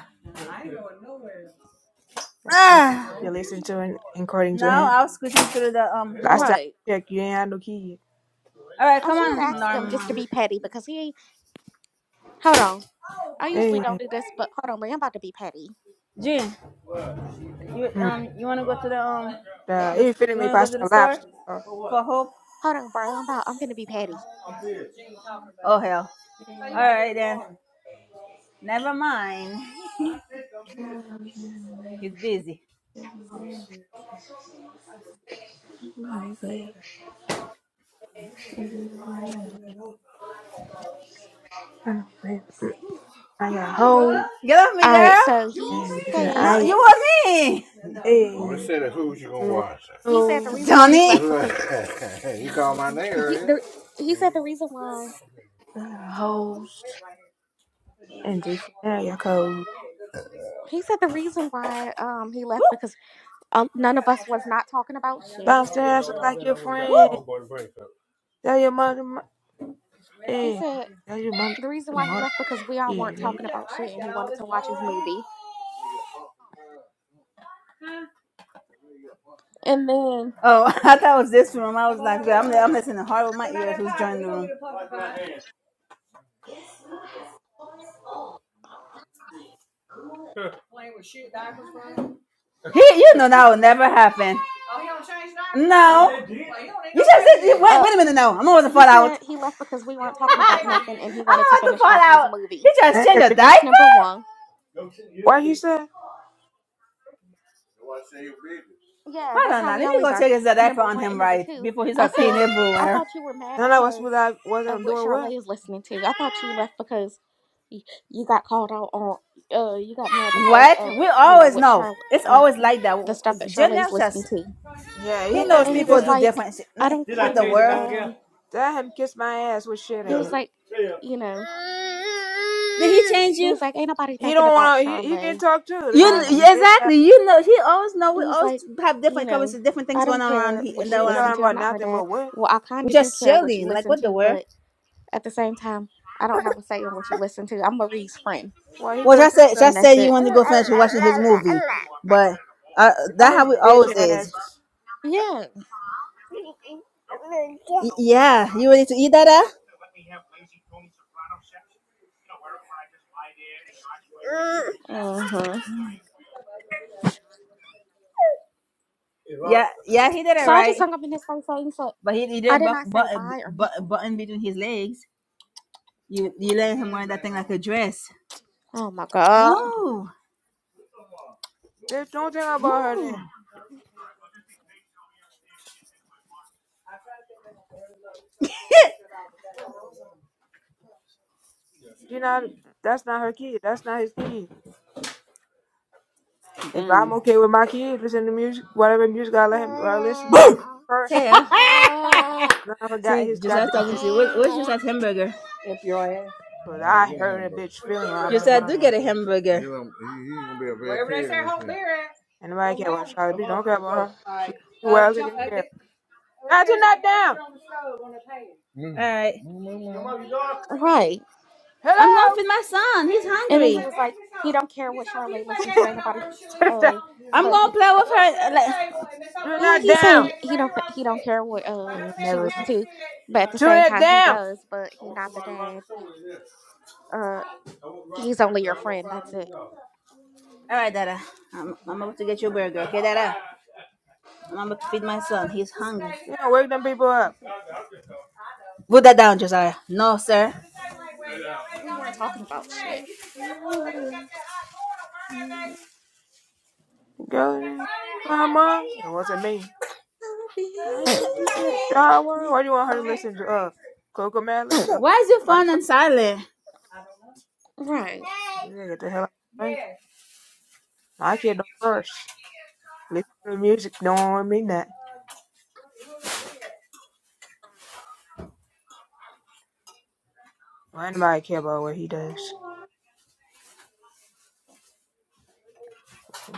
A: that shit
C: Ah.
A: you listen to and according to
C: Now
A: him.
C: I was squeezing through the um
A: Last
C: hole.
A: time
B: Right.
A: I checked, you ain't had no kid.
C: All right,
B: I
C: come
B: should
C: on,
B: ask him just to
C: Norman.
B: be petty because he. ain't. Hold on. I usually don't
A: Hey,
B: do this, but hold on, bro. I'm about to be petty.
C: Jean, you
A: mm,
C: um you wanna go to the um
A: uh, he
C: the,
A: finna
C: you
A: me
C: wanna go
A: pasta
C: to the store
A: lobster. I got
C: for hope?
B: Hold on, bro. I'm about. I'm gonna be petty.
C: Oh hell. All right then. Never mind.
A: a
C: He's busy.
A: hoe
C: Get off me,
B: All right.
C: girl.
B: So he
A: and finna
C: No,
A: I
B: said.
C: you want me,
A: hey. we were
B: He said the
A: hoe.
B: reason why he
C: Johnny.
B: left because. Mm, He the he said the reason why
A: I got hoes. And just now, your code.
B: he said the reason why um he
C: Woo,
B: left because uh, none of us was not talking about shit.
A: Bounce their ass
C: I would
A: like your
C: have got the
A: friend.
C: woo. homeboy to break up.
A: Tell your mother, mo-
B: He
A: eh?
B: said
A: Tell your mom to
B: the reason why he
A: mother
B: left because we all weren't
A: kid,
B: talking
A: bitch.
B: about shit and he wanted to watch his movie. And then
C: Oh, I thought it was this room. I was like, I'm, I'm listening hard with my ears. Who's joining the room? He, you know that will never happen. No. You just said, wait,
B: uh
C: wait a minute now. I'm not about to
B: he
C: fall
B: said
C: out.
B: he left because we weren't talking about
C: I'm
B: nothing and he wanted to
C: about to
B: finish
C: fall
B: watching his
C: out. He
B: movie.
C: just
A: Hey,
C: changed a
A: bitch.
B: That's number
C: diaper?
B: 1.
A: What he said?
B: Yeah, that's
C: Hold on
B: how
C: now. Let
B: we
C: me
B: always
C: go
B: are.
C: check his
B: And
C: diaper
B: number
C: on
B: one and
C: him
B: number
C: right
B: two,
C: before he
B: I
C: starts peeing
B: said, I
C: everywhere.
B: thought you were mad
A: Sound like what's what
B: because
A: I
B: of
A: wasn't
B: what
A: doing what?
B: Charlay is listening to. I thought you left because you, you got called out on, uh, you got mad because
C: What?
B: of,
C: We
B: you know,
C: always
B: what
C: know.
B: Charlotte,
C: It's always
B: um,
C: like that.
B: the stuff that Charlay's
C: Janelle
B: listening
C: just,
B: to.
A: Yeah,
C: he
A: he had
C: knows
B: And he
C: people
A: a
B: was
C: do
B: like,
C: different shit. Nah,
B: I don't
C: what the
B: care.
C: world?
B: Um,
A: Tell him kiss my ass with shit
B: he
A: in
B: was
A: it.
B: like, you know,
C: Did he change
B: he
C: you?
B: was like, ain't nobody
A: He
B: thinking
A: don't
B: about
A: wanna. He, he can
B: Charlay.
A: talk too. The
C: You
A: time,
B: Um,
A: bitch ass.
C: exactly. You know, he always know.
B: he
C: We
B: was
C: always
B: like,
C: have
B: you
C: different covers,
B: know,
C: different things
B: I
C: going
B: don't
C: on around.
B: care
C: He
B: what
C: and
A: We
B: she
C: that
A: ain't
C: one,
B: listened
A: talking
B: to. I'm
A: about
B: not her
A: nothing but
B: dad.
A: what?
B: Well, I
C: we
B: kind of do
C: just
B: care what she
C: chilling. Like
B: listened
C: what the
B: to,
C: world?
B: but At the same time, I don't have a say in what you listen to. I'm Marie's
C: Anything
B: friend,
C: interesting?
A: Why he could
C: Well, I
A: have said
C: said, I
A: something?
B: and
C: said
B: that's
C: you
B: it.
C: wanted to go finish watching his movie, but uh, that's
A: Tell his
C: how it always
A: bitch
C: is.
A: ass.
B: Yeah.
C: Y- yeah, you ready to eat that? Uh?
B: Mm-hmm.
C: Yeah, yeah, he did it
B: So I just
C: right,
B: hung up in his face saying, so
C: but he, he
B: I
C: didn't
B: did
C: buck,
B: not say
C: button,
B: bye or
C: button,
B: nothing.
C: button between his legs. You you let him wear that thing like a dress.
B: Oh my God.
C: Move.
A: Bitch, don't think about her then. She not. That's not her kid. That's not his kid. If I'm
C: Damn.
A: okay with my kid listening to music, whatever music I let him I listen, as long as he first,
C: Tell.
A: none of it got
C: See,
A: his
C: Josiah's
A: goddamn
C: talking
A: business.
C: to you. What, what's Josiah's hamburger?
A: 'Cause I heard a bitch feeling a lot about
C: Josiah,
A: mine.
C: do get a hamburger.
A: And nobody care about Charlotte. Bitch, don't care about her. She, she well taken care of. Now tune that down.
C: All right.
B: Right.
C: I'm going to
A: Hello?
C: feed my son. He's
B: And then
C: hungry.
B: he was like, he don't care what Charlotte listened to. Ain't nobody, uh,
C: I'm
B: but
C: going
B: he,
C: to play
B: uh,
C: with her. Like-
A: tune
B: yeah,
A: that
B: he's saying
A: down.
B: he don't, th- he don't care what, uh,
A: You ain't
B: she
A: never.
B: listened to. But at the
A: Tune
B: same
A: that
B: time, he
A: down.
B: does, but he not the dad. Uh, he's only your friend. That's it.
C: All right, Dada. I'm, I'm about to get you a burger. Okay, Dada? I'm about to feed my son. He's hungry.
A: You don't wake them people up.
C: Put that down, Josiah. No, sir.
B: We weren't talking about shit.
A: Go now. Come on. It wasn't me. I ain't listen to her. Why do you want her to listen to, uh, Coco Madeline? Uh,
C: Why is your
A: Bunch
C: phone on silent?
B: Right.
A: You gotta Get the hell out of my face. My kid don't curse. Listen to the music don't mean that. Why anybody care about what he does?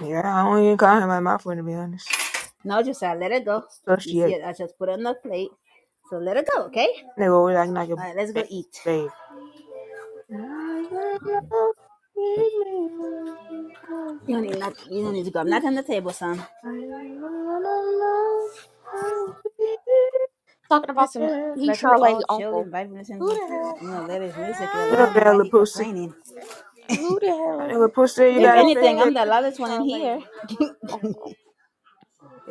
A: Yeah, I don't even call him like my friend to be honest.
C: No, Josiah, let it go. You see
A: Associate.
C: it? I just put it on the plate. So let it go, okay?
A: Nigga always acting like a
C: All right, let's go
A: baby.
C: eat.
A: babe. You
C: You don't need not. You don't need to go. I'm not on the table, son.
B: Talking about some he
C: Like we
B: Charlay
C: all chilling,
B: uncle.
C: vibing, listening
B: Who
C: to
B: the hell
C: you know latest music. I
A: know that
C: don't know why
A: little
C: he
A: pussy.
C: complaining.
B: who the
A: That little
B: hell
A: pussy, you
B: who the
C: If
A: got a
B: hell
A: fake
C: anything,
B: said
C: I'm
B: you
C: the
A: dick.
B: could be
C: loudest one in here.
B: Charlay's uncle?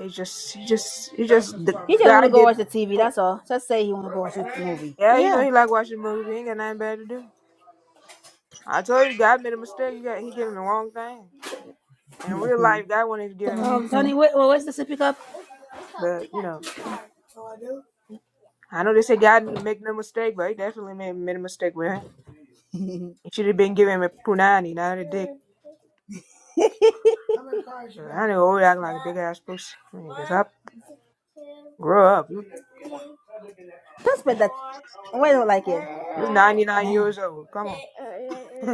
A: He just, he just, he just, the
C: He just want
A: guy
C: to go watch
A: did.
C: the TV.
B: Oh
C: That's all. Just say he want to go watch the movie.
A: Yeah, you know
B: yeah.
A: he like watching movies. He ain't got nothing better to do. I told you, God made a mistake. You got, he gave him the wrong thing. In real life, God wanted to give
C: T-
A: him a
C: Um,
A: pussy,
B: hmm
C: Tony, wait, well, where's the sippy cup?
A: but you know, I know they say God didn't make no mistake, but he definitely made, made a mistake with him. He should have been giving him a punani, not a dick. I know always acting like a big ass pussy. Because I Cause up, grow up. You
C: Don't spread that. Why don't like it?
A: you 99 years old. Come on,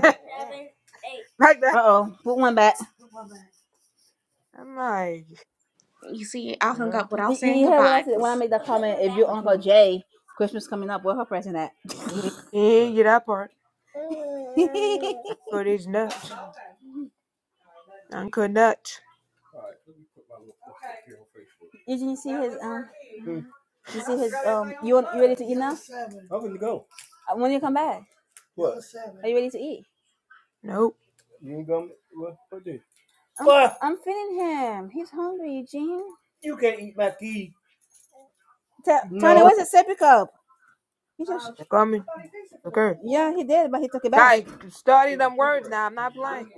A: like that.
C: Uh oh, put one back.
A: I'm like,
B: You see, I hung up
A: girl,
B: without
C: You
B: saying
C: you heard what I
B: goodbye
C: said when I
B: because
C: made that comment? If
B: I
C: your
B: don't
C: Uncle
B: know.
C: Jay, Christmas coming up, where her present at?
A: he he didn't get that part.
C: Did
A: Uncle is nuts. Uncle nuts.
C: you see his um?
A: Mhm.
C: You see his um? You want you ready to eat now? Uh, When you come back? Are you ready to eat?
A: Nope.
C: I'm feeding him. He's hungry, Eugene. T- nope. Tony,
A: I'm coming.
C: where's the sippy cup? He just, Um,
A: I'm coming. Okay.
C: yeah, he did, but he took it back.
A: I study them words now. I'm not playing.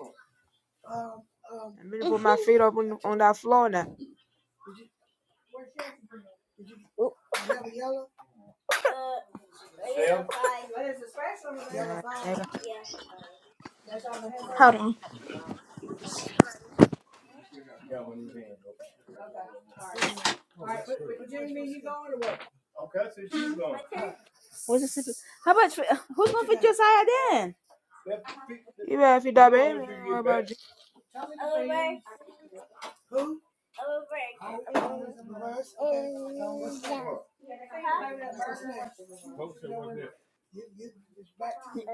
A: I'm gonna put my
B: Mhm.
A: feet up on on that floor now.
C: Oop,
A: Yeah, nigga.
B: Hold on.
C: Where's the sippy? How about who's gonna feed Josiah then?
A: You better feed that baby. I don't worry about you.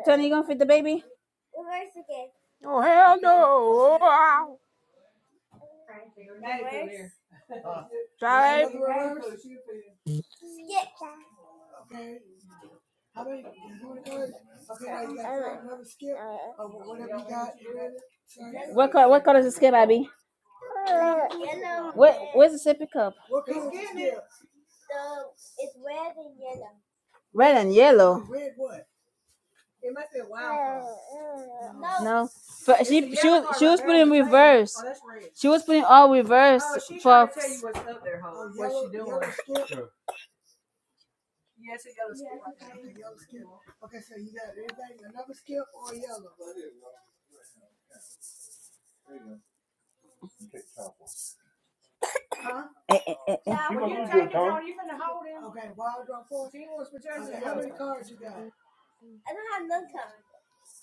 C: Tony, you gonna feed the baby?
A: Oh, hell no. Ow. Try.
C: What color? What color is the skip, Abby?
A: No,
C: Yellow.
A: no.
C: Where? Where's the sippy cup? Red and yellow. No, but she she was- she was putting reverse. She was putting all reverse for. Eh, eh, eh, eh.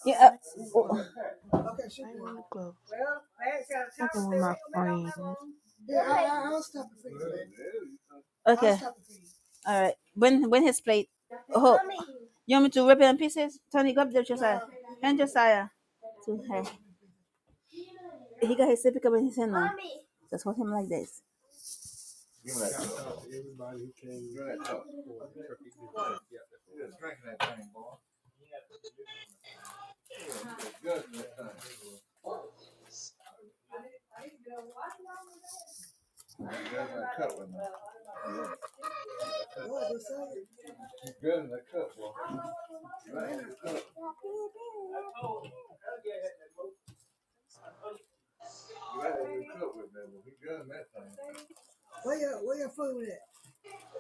C: Yeah. uh,
A: Not club.
C: oh,
A: Not even in the club. Fucking with my friend.
C: oh, okay. All right. When when his plate. Oh. You want me to rip it in pieces? Tony, go up there, Josiah. Hand Josiah to her. He got his sippy cup in his hand now. Just hold him like this.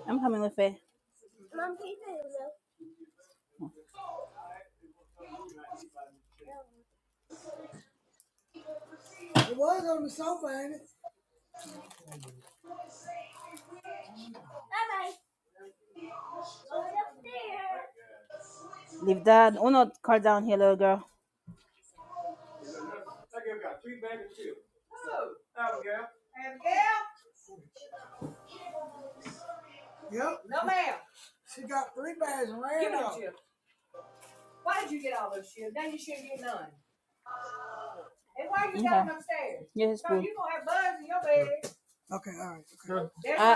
C: I'm coming with it. Leave that. Uno, car down here, little girl. Yeah, his food.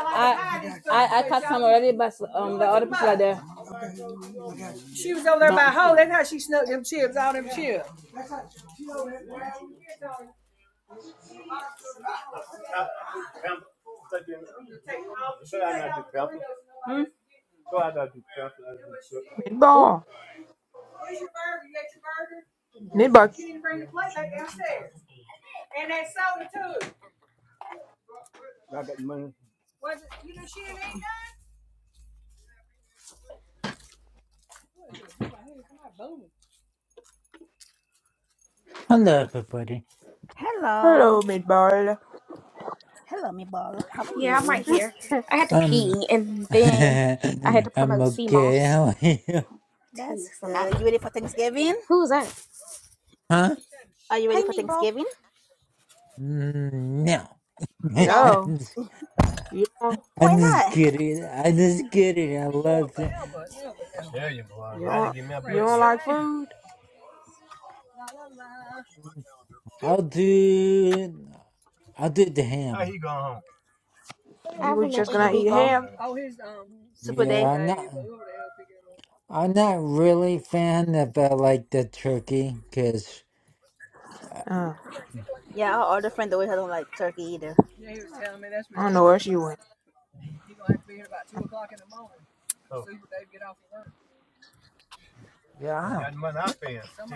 C: I I I, I caught some already, but um the other people are there. do Hmm? Who?
A: Meatball. Meatball.
E: Hello, everybody.
C: Hello.
A: Hello, meatball.
C: Hello, me ball. How are
B: Yeah,
C: you?
B: I'm right here. I had to
E: Um,
B: pee and then I had to
E: I'm
B: promote
E: okay.
B: CMOS
E: How are you?
B: to
C: That's good.
B: somebody.
C: You ready for Thanksgiving?
B: Who was that?
E: Huh?
C: Are you ready
B: Hey
C: for
B: Meatball.
C: Thanksgiving?
E: Mm, No.
C: No.
A: No.
E: I'm just,
A: You don't,
C: Why
E: I'm just
C: not?
E: kidding. I'm just kidding. I love it.
A: you don't, you don't like food?
E: I'll do. I'll do the ham.
B: I
A: You was
B: remember
A: just
B: you,
A: gonna eat
B: Meatball.
A: ham?
C: Super day.
E: Yeah, I'm not. I'm not really fan of uh, like the turkey, cause uh,
A: Uh,
C: Yeah, our other friend always don't like turkey either.
A: I don't know where she went.
E: yeah,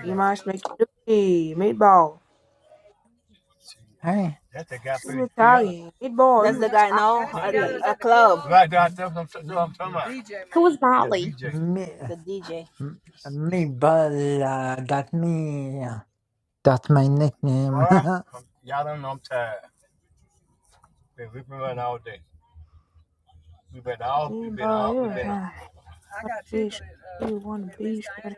A: You must make you do Meatball.
E: I
A: You Italian. Meatball,
C: That's
A: you
C: the guy no
A: Italian.
C: a club.
E: m- m-
B: Who was Molly?
E: me
C: The DJ.
E: m- me but uh, got me. uh, That's my nickname.
A: Hey, boy, you tired. What a bitch. Who you want to be, shorty?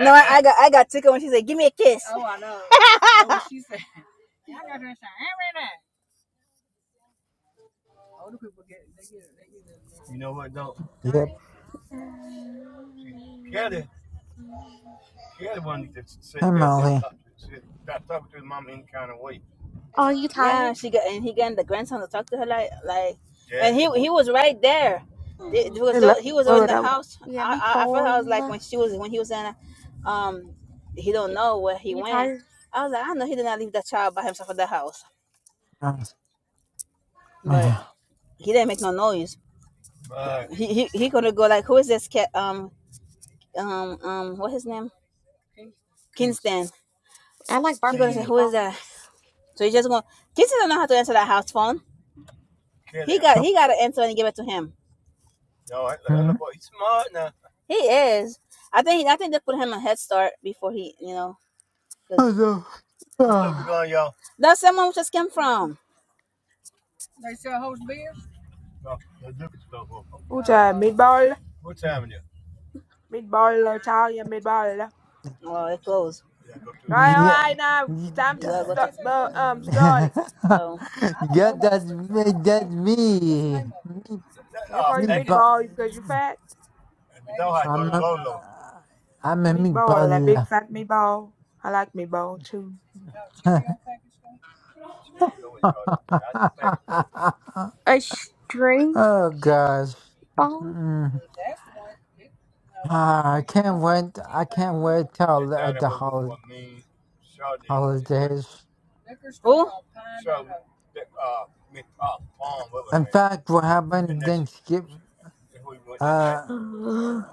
C: No, I, I got I got tickled when she said, Give me a kiss.
E: yep. Hi, Molly.
B: Are you tired?
C: Yeah, she got and he got the grandson to talk to her like like, Yeah. and he he was right there. It was
A: Hey, look,
C: the- he was
A: where
C: in
A: would
C: the
A: I go?
C: house.
B: Yeah,
C: I I, I felt I was like
B: meatball.
C: when she was when he was in, um, he don't know where he
B: You
C: went.
B: tired?
C: I was like I know he did not leave that child by himself in the house,
E: Uh,
C: but
E: yeah,
C: he didn't make no noise. He he he gonna go like who is this cat? Um um um what his name? Kingston.
B: I like
C: She gonna
B: barbecue
C: say Mm. who is that?
B: meatballs.
C: So he just gonna Kingston don't know how to answer that house phone. Yeah, He yeah. got
E: yep.
C: he got to answer and give it to him.
E: Hmm.
C: He is. I think I think they put him a head start before he, you know, because
E: Also, ah,
C: that's someone who just came
B: Mhm.
C: from.
A: Who tired? Meatball? Meatball, Italian meatball.
C: Oh, it closed.
A: Alright,
E: yeah.
A: alright, now, time
C: You
A: to
C: gotta go
E: yeah,
A: start, uh, um,
E: um,
C: to.
A: starting.
C: Oh.
E: yeah, that's me. That's me. Me,
A: You call
E: me,
A: you
E: but
A: meatball because you fat?
E: I'm a, I'm a
A: Meatball, that big
E: meatball.
A: fat meatball. I like meatball, too.
B: A string
E: oh gosh.
B: ball.
E: Mm. Ah, I can't wait. I can't wait till the, the holiday. holidays.
C: Who?
E: In fact, what happened Thanksgiving? Uh,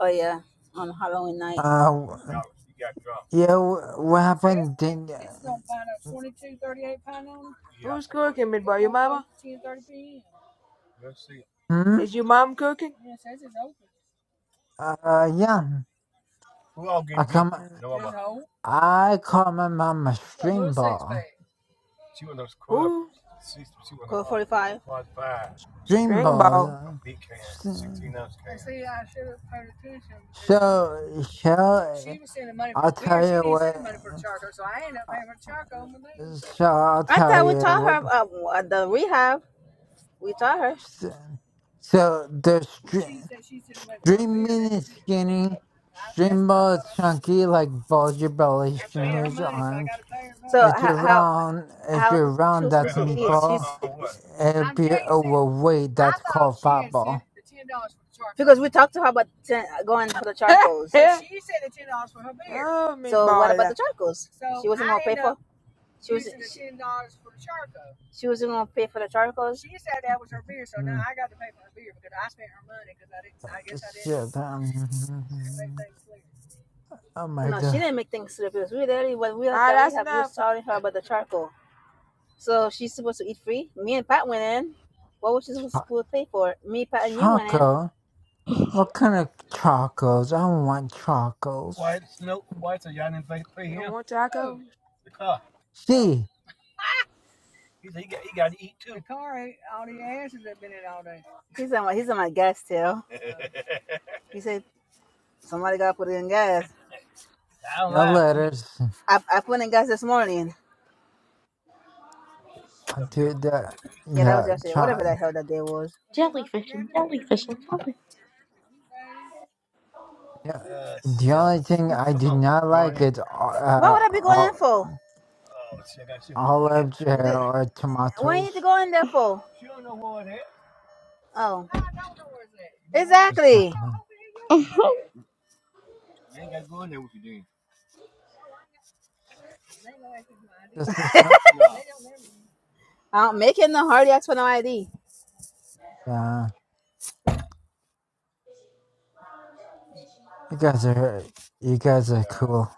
C: Oh yeah, on Halloween night.
E: uh, yeah, what happened? Thank,
A: Who's cooking meatball? Your mama?
E: hmm?
A: Is your mom cooking?
E: Uh, yeah. I come.
A: Uh,
E: I call my mom a stream ball.
A: who?
C: Code forty five.
E: Stream
A: String ball.
E: balls. So, so I'll tell you what. So I'll
C: I
E: tell
C: thought we
E: you
C: taught
E: what.
C: her uh, at the rehab. We taught her.
E: So, so the stre- string meat is skinny, string ball is chunky, like balls your belly,
C: I spent her
E: stringers your
C: money, So I
E: arms.
C: gotta pay her money. So
E: If
C: how
E: you're
C: how
E: round, if
C: how
E: you're
C: she
E: round,
C: was
E: that's
C: supposed to eat? She's
E: meatball. If you're overweight, that's called fat ball.
C: Because we talked to her about ten, going for the charcoals.
A: oh,
C: So what
A: meatball.
C: about the
A: Alright,
C: charcoals? She wasn't gonna pay for. She was she wasn't gonna pay for the charcoals.
E: Mm. Shit. Um, oh my
C: No, she
E: god.
C: didn't make things slippery. It was literally what we had that we
A: that's
C: have. You was
A: enough.
C: telling her about the charcoal. So she's supposed to eat free. Me and Pat went in. What was she supposed
E: Cho-
C: to pay for? Me, Pat, and you went in.
E: Choco? What kind of chocos? I don't want chocos.
A: You don't want tacos?
E: C.
C: He's on my he's on my gas tail. He said, somebody got to put in gas.
E: No letters.
C: I, I put in gas this morning.
E: I'll do that.
C: Yeah, that was
E: Yeah,
C: yesterday. Whatever
E: try.
C: the hell that day was.
B: jellyfish and jellyfish and jelly.
E: Yeah. The only thing I did not like is
C: What
E: uh,
C: would I be going in
E: ol-
C: for?
E: olives
C: D-
E: or
C: What do you need to
E: tomatoes.
C: go in there for? Oh,
E: So
C: exactly.
E: come on, this is ki-
C: I'm making the hard ask for no ID.
E: yeah. You guys are you guys are cool.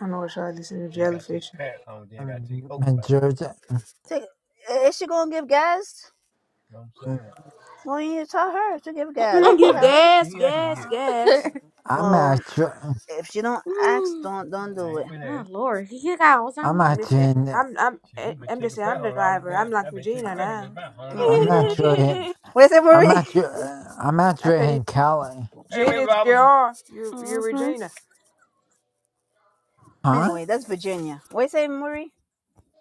A: I know what y'all listen to jellyfish.
E: Um, Majority,
C: Take, is she going to give gas? Well, you need to tell her to give
A: You
C: gas.
A: wanna
C: What the I
A: give
C: hell? She
A: gas,
C: ain't asked me
A: gas,
C: yet.
A: gas.
E: I'm
C: Well,
E: actually
C: if she don't ask,
B: Mm.
C: don't don't do ain't it.
B: oh Lord, you got
E: I'm
A: I'm just
E: actually
A: saying.
B: Alzheimer's.
E: in, uh,
A: I'm I'm
C: We've I've
A: eh,
C: been been taking
A: I'm just
C: taking
A: saying.
C: pay pay
A: I'm the
C: home home
A: driver. I'm like Regina now.
C: all day.
E: I'm
C: Mm, week.
E: actually in,
C: What is it,
E: I'm
C: Marie?
E: actually uh, I'm
A: I
E: actually
A: say
E: in Cali.
A: Jen is Jr. You you
B: Mm-hmm.
A: Regina.
E: Huh?
C: Anyway, that's Virginia. What you say, Murray?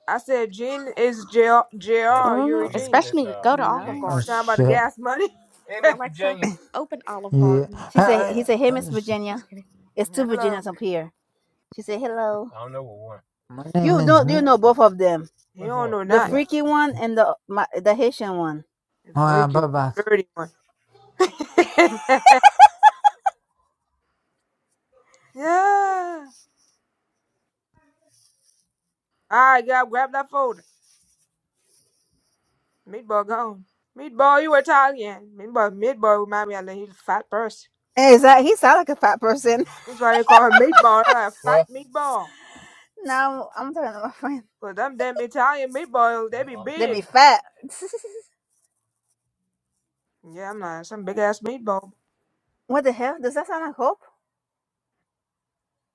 A: I said Jen is Jr. Jr. You
B: hmm
A: Regina.
B: Especially to go to Olive
C: No.
E: Oh
B: Garden.
A: Talking about the
E: shit!
A: gas money.
B: Alexa, open Olive
E: Yeah.
B: Garden.
C: She said he
E: Hey,
C: said, Hey
E: uh,
C: Miss
E: s-
C: Virginia.
B: Just kidding.
C: It's two
A: Hello.
C: Virginias up here. She said, Hello.
E: my name
C: You
E: is
C: don't you
E: me.
C: know both of them.
A: He don't know
C: The
A: not
C: freaky one and the my, the Haitian one.
A: a
E: bye
A: freaky one,
E: bye.
A: dirty one. yeah. All right, grab grab that folder. Meatball gone. Meatball, you Italian. Meatball, meatball remind me of a little fat person.
C: Hey, Is that he sound like a fat person?
A: That's why they call him meatball. I like a fat meatball.
C: No, I'm talking to my friend.
A: Cause them damn Italian meatballs, they be
C: They be
A: big.
C: sound- fat.
A: Yeah, I'm like some big ass meatball.
C: what the hell? Does that sound like hope?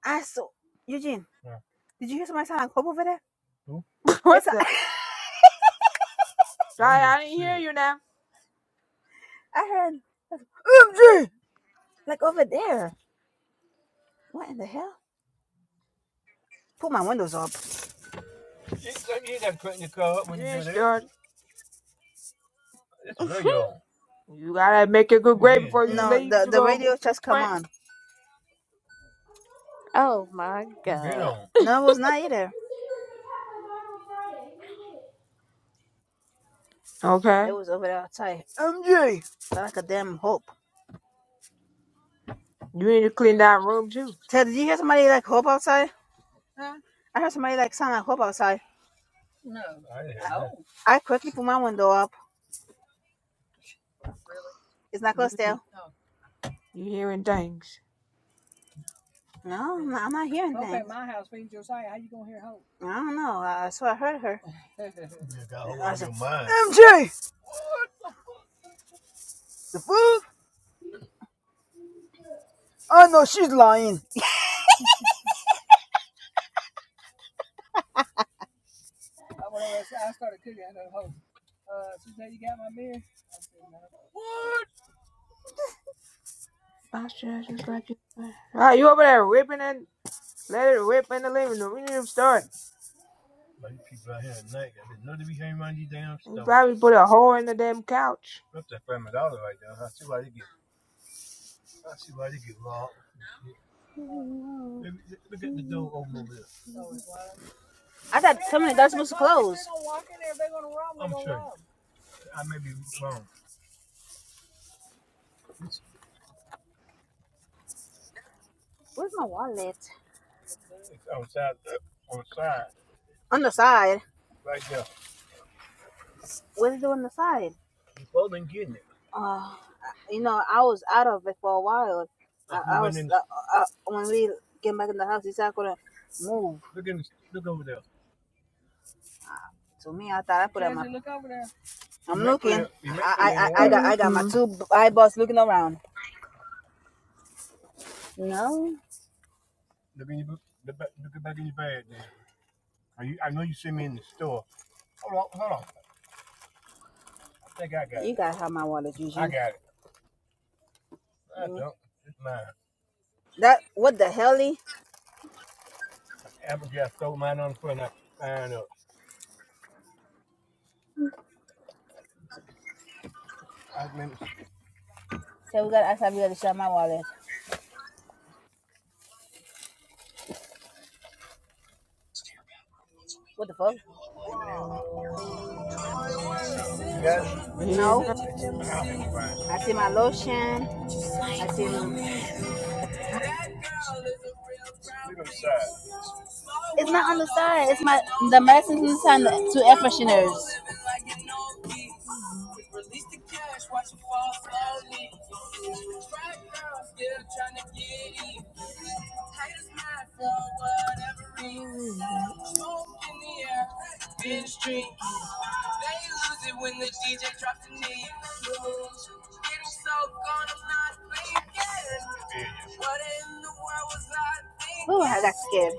C: I saw Eugene. Did you hear somebody sound like hope over there?
A: what
C: It's a-
A: the? Sorry, I didn't hear you now.
C: I heard MG like over there. What in the hell? Pull my windows up.
A: You ain't started. You gotta make a good grade before you
C: No,
A: leave
C: the
A: to
C: the
A: go
C: radio
A: to
C: just come
A: Quentin.
C: on.
B: Oh my God.
C: No, it was not either. It
A: Okay.
C: was over there outside. Sound like a damn hope.
A: You need to clean that room too.
C: Ted, did you hear somebody like hope outside? I heard somebody like sound like hope outside. I quickly put my window up. It's not
A: You
C: closed still.
A: you hearing things.
C: No, I'm not, I'm not hearing things. I don't know. I, so I heard her. You I was like, MJ!
A: Bounce your ass just like you. Ah, you over there whipping and let it whip in the living room. We need to start. He probably put a hole in the damn couch.
C: I thought somebody that's supposed to close. Where's my wallet? On the side. What is did it on the side? uh, you know, I was out of it for a while. Like I, I was in, uh, uh, when we came back in the house. He said, I couldn't. To me, I thought I put out my. I'm looking. I I, I, got I got my
B: Mm-hmm.
C: two eyeballs looking around. No, I think I got. you gotta have my wallet, Usually, I Eugene. Mm. That what the hell? Lee? So we gotta ask if we gotta share my wallet. What the fuck?
A: Uh-uh. Here's nothing.
C: No, I see my lotion. I see. It's not on the side. It's my the medicine on the side. two air fresheners. Ooh, I got scared.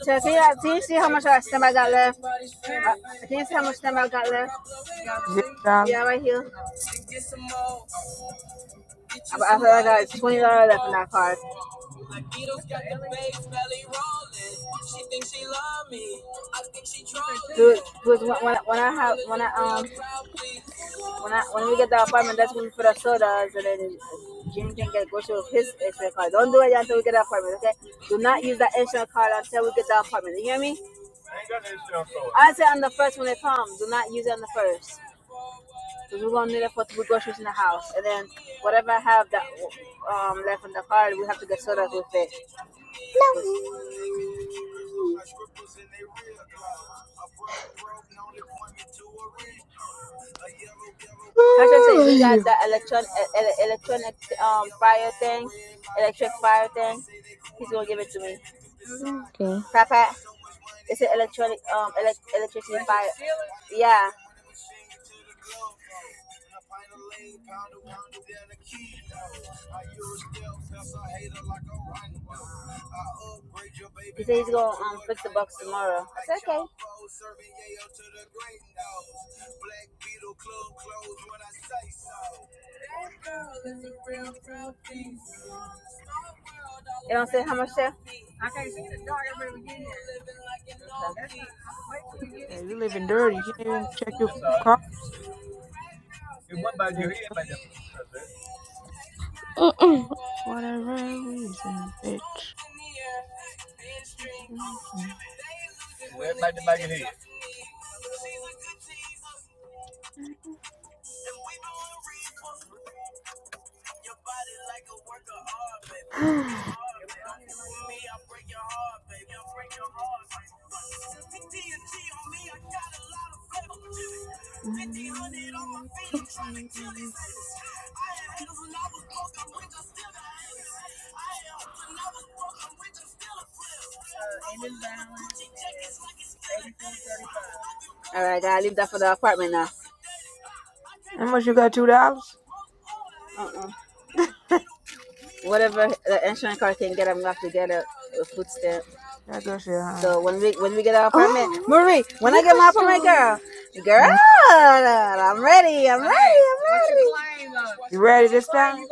C: So see that? Do you see how much of that stem I got left? Uh, can you see how much stem I got left?
A: Zero dollars.
C: Yeah, right here. I, I feel like I got twenty dollars left in that card. Dude, because when, when, I have when I um when I when we get the apartment, that's when we put our sodas, and then Jimmy can get go with his insurance card. Don't do it until we get the apartment, okay? Do not use that insurance card until we get the apartment. You hear me? I say on the first when it comes. Do not use it on the first. So we're gonna need it for we groceries in the house, and then whatever I have that um left in the car, we have to get sodas with it. it.
B: No.
C: 'Cause I said he got that electron e- ele- electronic um fire thing, electric fire thing. He's gonna give it to me.
B: Okay.
C: Papa, it's an electronic um elec electricity fire. Yeah, he said he's gonna um fix the box tomorrow. It's okay. You don't say how much there?
A: Yeah, you living dirty. You can't even check your car. You enjoy
B: Mm-mm.
A: whatever reason, bitch.
C: All right, I gotta leave that for the apartment now.
A: How much you got? Two dollars?
C: Uh-uh. whatever the insurance card can get, I'm gonna have to get a, a food stamp.
A: That girl said, huh?
C: So when we when we get our apartment,
B: Oh,
C: Marie, when I get
B: liquor
C: my apartment,
B: store.
C: girl, girl,
A: Huh?
C: I'm ready, I'm ready, I'm ready.
A: You ready this time?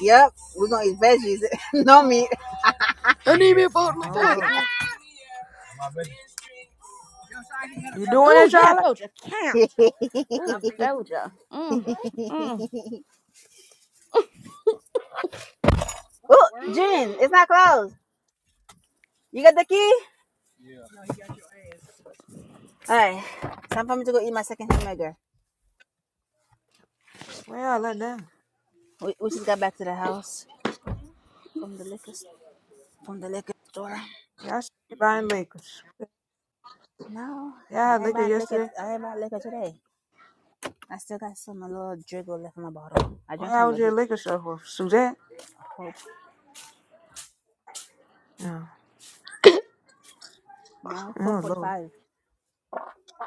C: Yep, we're gonna eat veggies, no meat.
B: I need me a bottle of
A: Oh, Lord.
B: vodka.
A: You doing it,
B: Oh yeah,
A: Charlotte?
B: Doja can't. Oh, Doja. Mm, mm.
C: oh, Jean, it's not closed. You got the key? All right, time for me to go eat my second hamburger.
A: Where y'all letting down?
C: We, we just got back to the house from the liquor from the liquor store.
A: Y'all should buying liquors.
C: No,
A: Y'all had
C: I ain't
A: liquor
C: buying liquor.
A: yesterday?
C: I ain't buying liquor today. I still got some a little driggle left in my bottle. I
A: Why
C: drank
A: y'all
C: some
A: went
C: of
A: to the
C: the
A: liquor store for? Suzette?
C: Hope.
A: No.
C: No, Coke
A: Oh, Lord.
C: 45.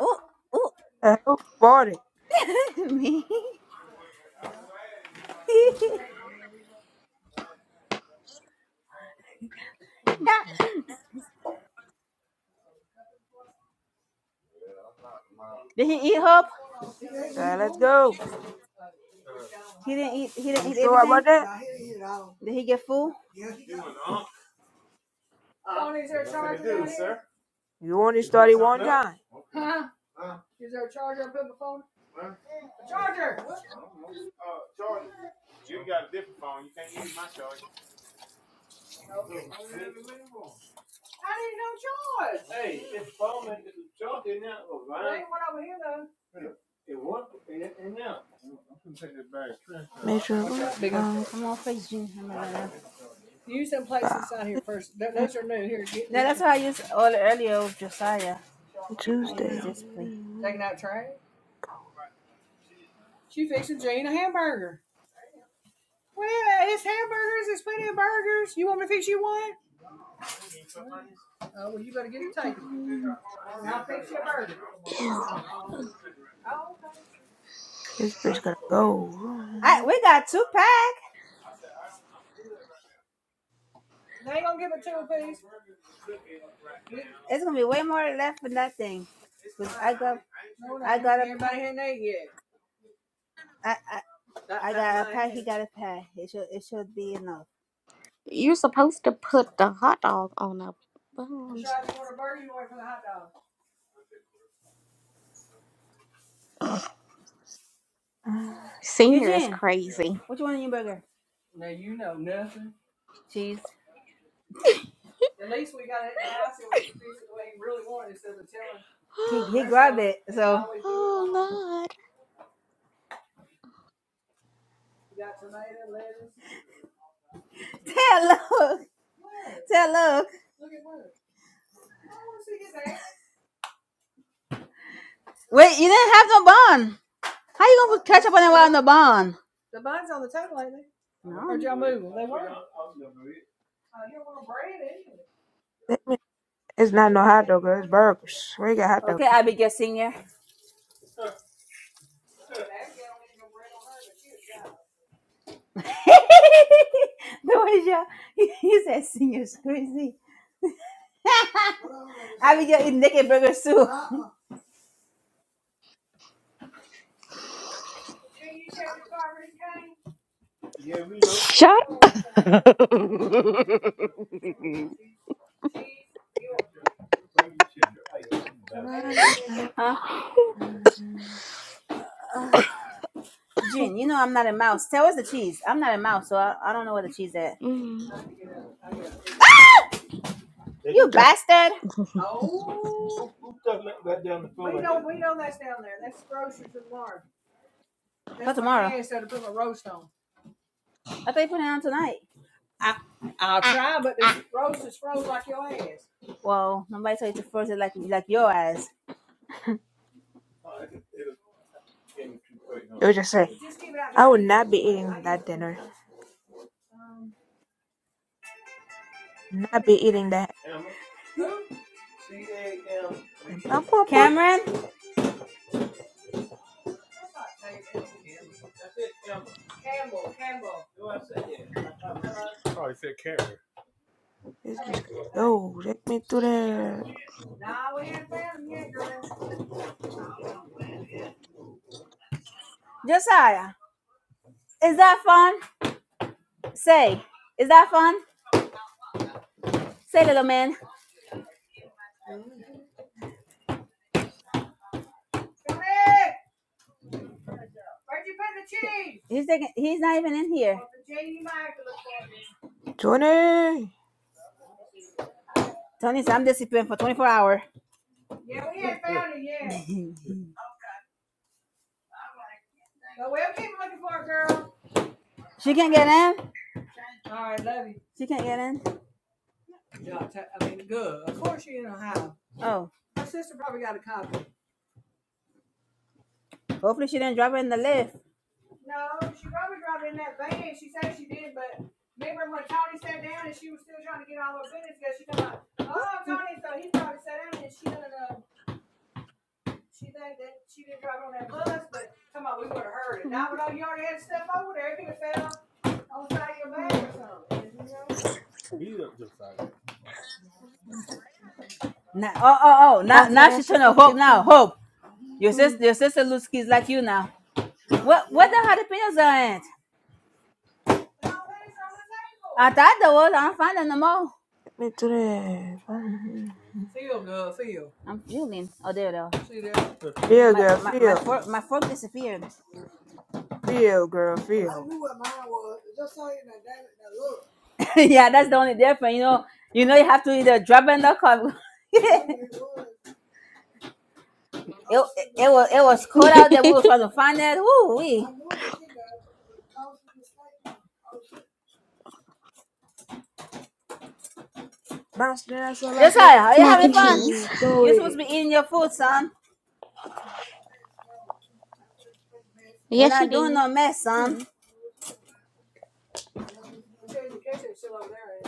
C: Oh, oh,
A: Uh, who bought it?
C: me.
A: Mm-mm.
C: Did he eat Hope?
A: Child, let's go.
C: He didn't eat. He didn't
A: You
C: eat
A: sure
C: everything.
A: about that?
C: Did he get full?
A: You only started one time. Make sure we're out
C: Come on, face Jean. I'm gonna
A: about it.
C: No, that's what I used all earlier with Josiah. I used
A: Tuesday.
C: this plate.
B: Ew.
A: This bitch gotta
C: I
A: go.
C: we got two pack. It's gonna be way more left for nothing. Cause I got I got a I, I, I got a pack. He got a pack. It should it should be enough.
B: You're supposed to put the hot dog on a bun. Senior is
C: Eugene,
B: crazy.
C: what you want in your burger? Cheese. He he grabbed it. So
B: oh Lord.
C: tell look, tell look. Wait, you didn't have no bun. How you gonna put ketchup on it without no bun? No.
A: That mean- It's not no hot dog, girl. It's burgers. Where you got hot dog
C: Okay,
A: from?
C: I be your senior. the way you he said senior's crazy. I be getting naked burgers too. Huh? Eugene? you know I'm not a mouse. Tell us the cheese. I'm not a mouse, so I, I don't know where the cheese is.
B: Mm.
C: You
A: Okay.
C: bastard! tomorrow. I thought you put it on tonight. Well, nobody told you to first it like like your ass.
A: It was just saying. I would not be eating that dinner. Not be eating that. And Bump, bump, bump.
C: Cameron,
A: This bitch goes, yo, take me to the
C: Josiah, is that fun? Say, is that fun? Say, little man, he's taking, he's not even in here.
A: Johnny.
C: Tony said I'm disciplined for 24 hours. yet. she can't get in. She can't get in. Oh, hopefully she didn't drop it in the lift. Now, oh, oh, oh! Now,
B: Bounce that
C: now she
B: ass
C: turned
B: just
C: to
B: like
C: hope.
B: your
C: Now,
B: friend.
C: hope your
B: Mm.
C: sister, your sister Lusky's like you now. What what the jalapenos are at? I thought there was. I don't find them no more.
A: Take me to the Mhm.
C: I'm fuming. Oh, there they are.
A: feel,
C: My
A: girl,
C: my my
A: feel,
C: fork my fork disappeared.
A: feel, girl, feel.
C: yeah, that's the only difference. You know, you know, you have to either drop it in the cup. it, it it was it was cold out there. We were trying to find that. Woo wee.
A: Bounce the ass up like you
C: Josiah, are you
B: Mac
C: having
B: and
C: fun?
B: cheese.
A: do. Do
C: You're supposed to
A: it.
C: be eating your food, son. We're
B: Yes, you
C: not doing
B: do.
C: no mess, son.
B: Mm.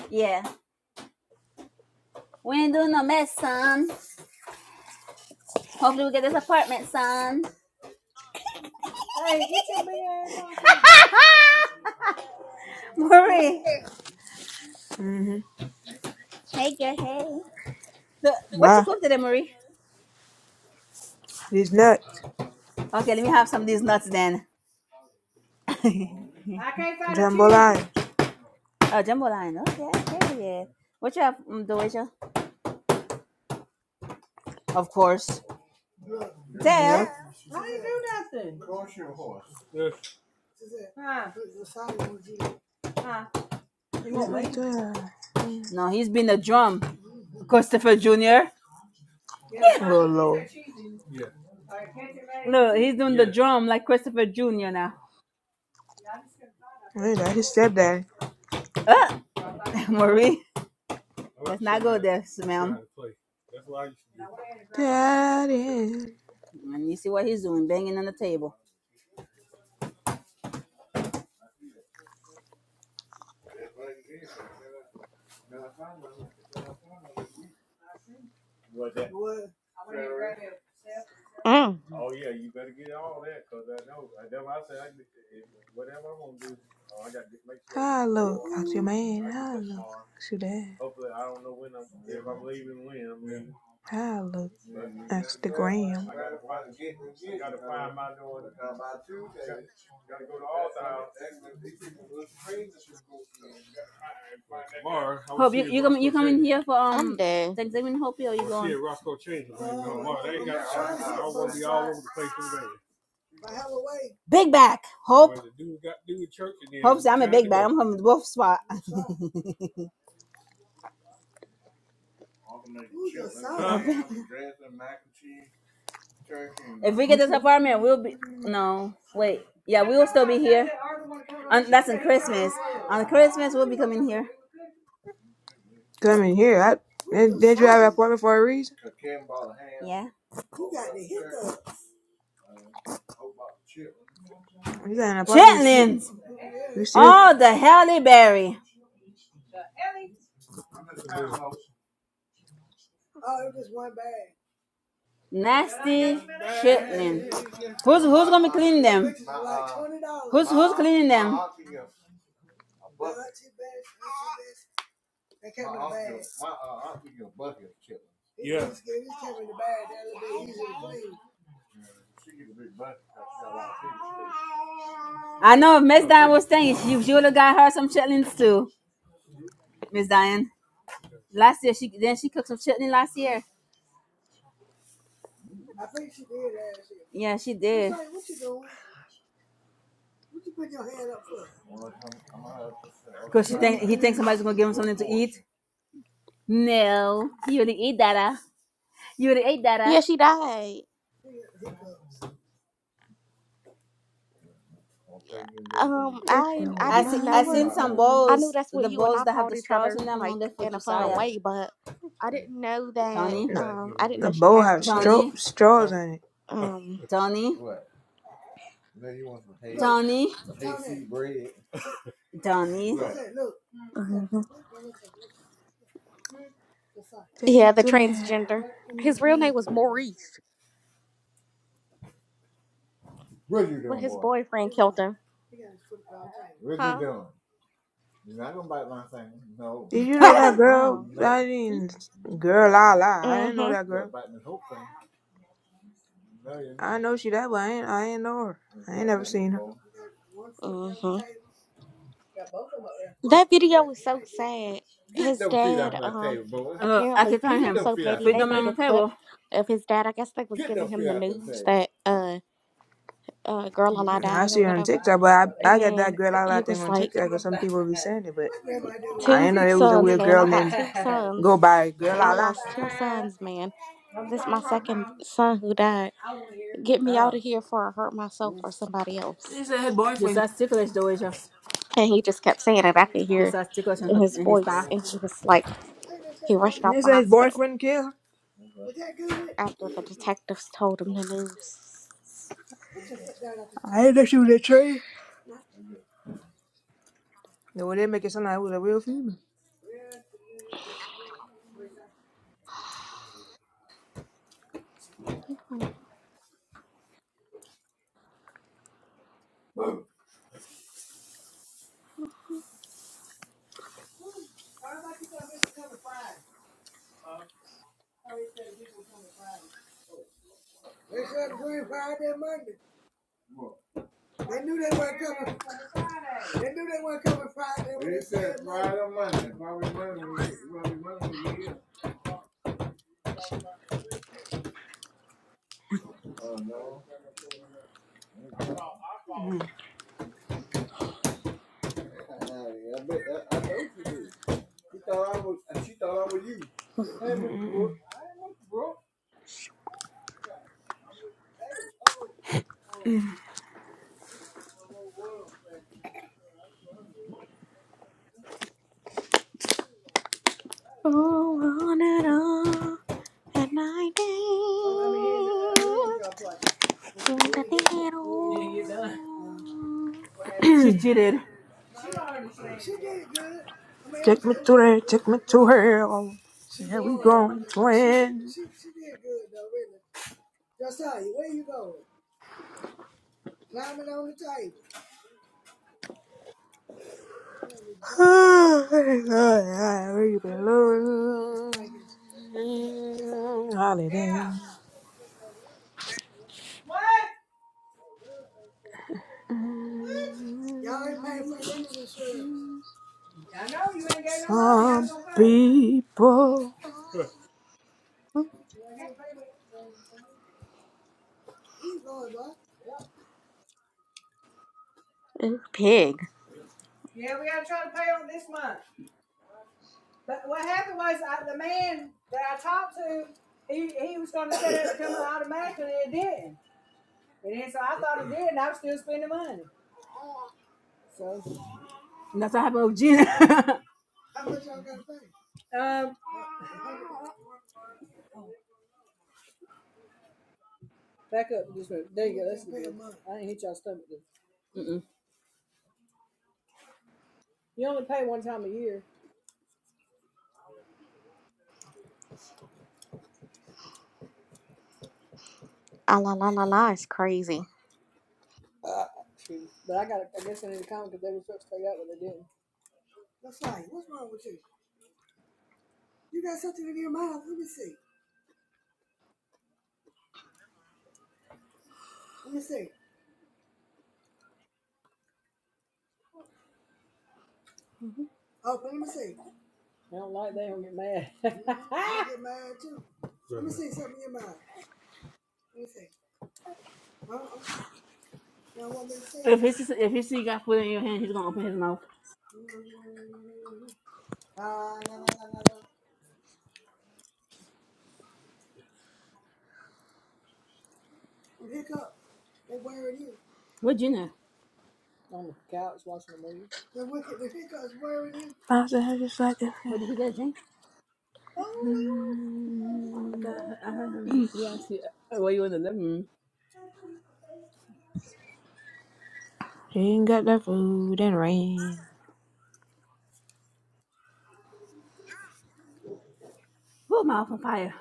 C: Yeah. We ain't doing no mess, son. Hopefully we get this apartment, son. Hey, get your big ass off Marie.
A: hmm
C: Hey, girl. Hey. The, what you
A: Bye.
C: cook today, Marie?
A: These nuts.
C: Okay, let me have some of these nuts then.
A: Jambalaya.
C: Oh, jambalaya. Okay, okay, yeah. What you have, um, Doja? Of course.
A: Yep.
C: Dale.
A: Let me die. Mm.
C: No, he's been the drum. Christopher Jr.
A: Little Lord.
C: Look, he's doing yeah. the drum like Christopher Jr. now.
A: Hey, that's his stepdaddy.
C: Uh, Marie, let's not go there, ma'am.
A: Daddy,
C: And you see what he's doing, banging on the table.
A: how I look? Ask your man, how I look? Ask your dad, how I look? Ask the gram.
C: Hope you you come you coming here for
B: I'm
C: um
B: dead.
C: Thanksgiving Hope or I you going? Big back. Hope. Hope said I'm a big back. I'm from the wolf spot. Huh? If we get this apartment, we'll be no wait. Yeah, we will still be here. On, that's on Christmas. On Christmas, we'll be coming here.
A: Come in here. I, did, did you have an appointment for a reason?
C: Yeah.
A: You got an appointment. You still,
C: Chitlins.
A: you still
C: Oh, the Halle Berry. Nasty chitlins. Who's who's gonna be cleaning them? Who's who's cleaning them? I know Miss Diane was saying she she would have got her some chitlins too. Miss Diane. Last year she then she cooked some chitlin last year. Yeah, she did. Cause she
A: get
C: think
A: me
C: he thinks
A: down
C: somebody's gonna give him something to eat. No, you wouldn't eat that. Uh. You wouldn't eat that. Uh.
B: Yeah, she died. Yeah, Um,
A: if
B: I
A: you
B: I
A: want
C: I see.
A: my
B: didn't
C: I
B: know
C: seen
B: her.
C: some
A: love.
B: I knew
C: bowls.
B: that's what
C: The
B: you and
C: bowls
B: I
C: that have
B: called
C: the
B: each
C: straws
B: other,
C: in them. I'm gonna
B: like
C: get for
B: in a fun
C: Josiah.
B: way, but I didn't know that.
C: Tony.
A: No,
B: Um, I didn't
A: the
B: know she
A: bowl have
B: passed until
C: Tony.
A: stro- straws in it.
B: um.
C: Tony. Tony. Donnie.
B: Mhm.
A: Take
B: Yeah,
A: me
B: the
A: to
B: transgender. His real
A: there.
B: name was Maurice, but his boyfriend killed him. Huh?
A: Did you know that
B: Oh
A: girl?
B: wow.
A: I didn't. Girl, I lie. I didn't know
B: Mm-hmm.
A: that girl. I know she that, but I ain't. I ain't know her. I ain't never seen her.
B: Mm-hmm. That video was so sad. His dad, um,
C: Uh, I
B: apparently
C: keep telling
B: people
C: him,
B: so petty,
C: feed
B: they
C: them
B: made a
C: on the
B: clip
C: table.
B: of his dad. I guess they was giving him the news that uh uh girl alive
A: I
B: died or
A: see her on
B: whatever.
A: TikTok, but I
B: And
A: I got that
B: then
A: girl I lie
B: he
A: thing
B: was
A: on
B: like,
A: TikTok, because some people be saying it, but I
B: Two
A: didn't know there was a
B: sons,
A: weird
B: man.
A: girl
B: I got
A: named
B: two
A: go
B: sons.
A: by Girl
B: I
A: I lie.
B: lost two sons, man. This my second son who died. Get me out
A: Oh,
B: of here before I hurt myself or somebody else.
A: they said his
C: You're
A: boyfriend.
C: so ticklish, Doja.
B: And he just kept saying it. I could
C: You're
B: hear
C: so ticklish in,
B: in
C: her,
B: his
C: in his Boy.
B: voice
C: style.
B: and he was just like he rushed out
A: They
B: the
A: said his
B: hospital.
A: boyfriend killed. her.
B: after the detectives told him the news.
A: I didn't know she was a tree. No, well, they make it sound like it was a real female. Mm, mm, mm, mm.
B: Oh, on and on, and I danced when I did it all.
C: She cheated.
A: Take me to her. Take me to her. Oh, Here we going, twin. I really been lonely. Holiday. Some people
B: Ooh, pig.
C: And That's what happened with Gina.
B: Ah, la la la la is crazy.
C: if he sees, if he see you got food in your hand, he's gonna open his mouth. What Gina?
A: bounce their head just like a
C: What
A: fan.
C: did he get a drink? I thought I heard him. He asked you, uh, "Were you in the living room?"
A: She ain't got the food and rain.
C: Oh, mouth on fire.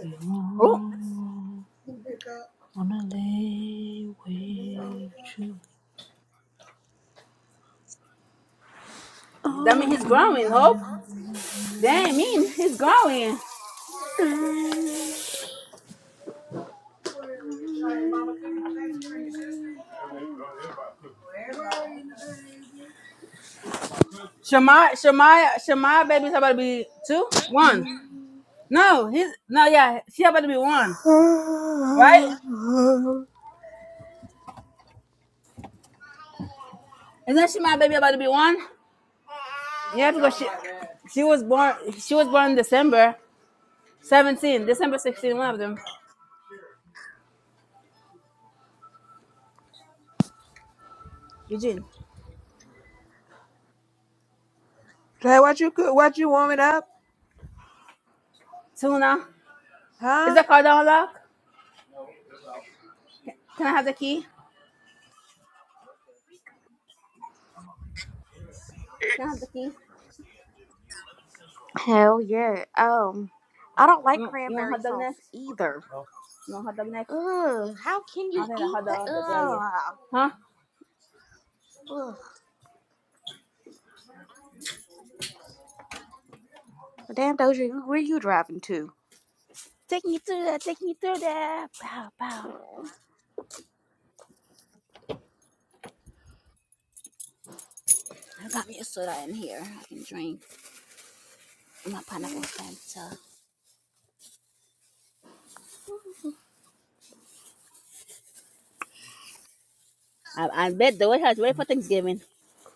A: You
C: Oh,
A: won't wanna lay with you.
C: that
A: Oh
C: means he's growing. Hope. Damn, mean he's growing.
A: no.
C: Shamaya, Shamaya, Shamaya, baby's about to be two, one. No, he's no, yeah, she about to be one,
A: Jay,
C: right? Isn't she my baby about to be one? Yeah, because she she was born she was born in December 17, December 16, one of them. Eugene.
A: what you cook? What you warming up?
C: Tuna. Is
A: Huh?
C: the car door unlocked? Can I have the key? Can I have the key?
B: Hell yeah. Um, I don't like
C: You, you want
B: cranberry
C: hot dog
B: sauce
C: next?
B: either.
C: You want hot dog next?
B: Ugh, how can
C: I don't
B: you
C: think the
B: eat
C: hot
B: that?
C: dog off the grill yet.
B: Ugh.
C: Huh?
B: Ugh. Damn, Doja, where are you driving to?
C: Take me through there, take me through there. Pow, pow. I got me a soda in here. I can drink my pineapple Fanta. I, I bet the White House ready for Thanksgiving.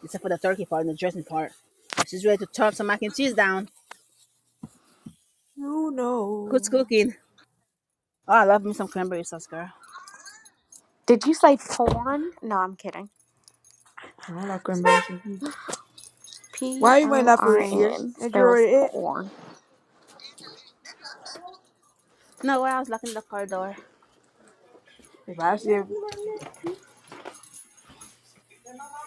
C: except for the turkey part and the dressing part. But she's ready to chop some mac and cheese down.
A: You
C: Who's
A: know.
C: cooking? Oh, I love me some cranberry sauce, girl.
B: Did you say porn? No, I'm kidding.
A: I don't like cream eggs.
B: P
A: Why you bringing
B: O
A: that food
B: R
A: in here?
B: N
A: Did you already
B: spells
A: eat?
B: porn.
C: No, why I was locking the car door.
A: If I see if,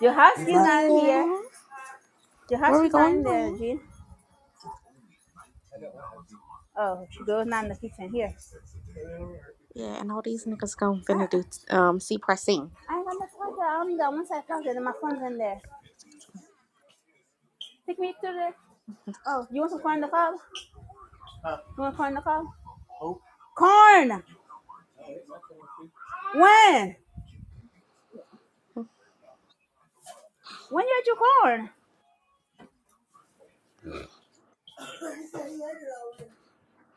C: Your
A: if
C: husky's
A: I
C: not in here. Your
B: Where we
C: husky's not
B: going,
C: in there,
B: man?
C: Jean. Oh, she goes not in the kitchen here.
B: Yeah, and all these niggas gonna
C: I
B: finna do um C pressing.
C: I ain't got no pocket. I only got one side pocket, and my phone's in there. Take me to the. Oh, you want some corn in the cob? You want corn in the cob? Corn. When? When you eat your corn?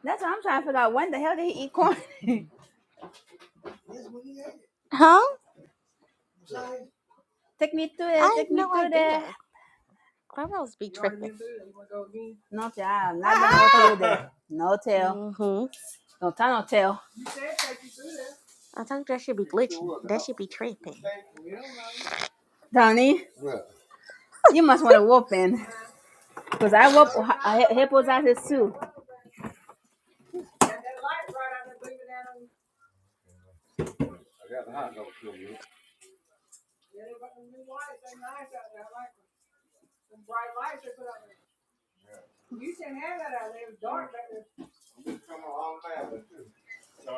C: That's what I'm trying to figure out. When the hell did he eat corn?
B: Huh?
C: take me through
B: I
C: there.
B: have
C: Take me
B: no
C: through there.
B: idea. Clubhouse be tripping.
C: No child, not the no, tail. no tail.
B: Mm-hmm.
C: Don't no tail.
B: I think that should be glitchy. That should be tripping.
C: Donnie, you must want to whoop in. Because I whoop I hypnotizes too.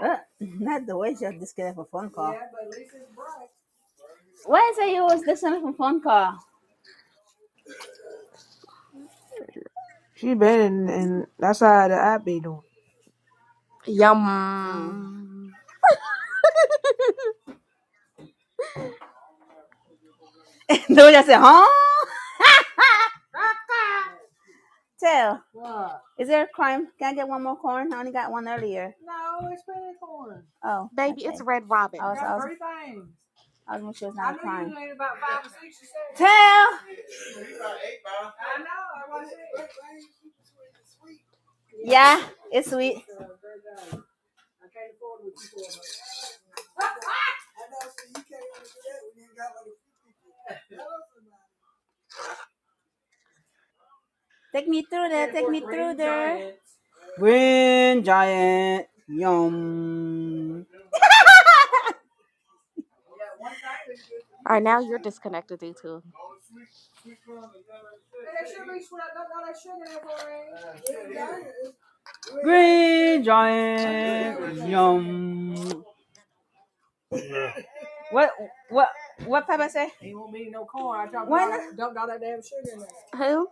C: Uh, not the way you're disconnected for phone call. Yeah. Why is it you was disconnected for phone call?
A: she been and,
B: Mm.
A: and that's how the I be doing.
C: Oh.
B: Yum.
C: the way I said, huh? tail. Is there a crime? Can I get one more corn? I only got one earlier. Oh,
B: Baby, it's
C: okay.
B: Red
C: I
B: Robin.
C: was, I was, I was making sure it's not a crime. Tail. Yeah, it's sweet. Take me through there. Take me through there.
B: All right, now you're disconnected, you two.
C: Why not?
B: Ew. Who?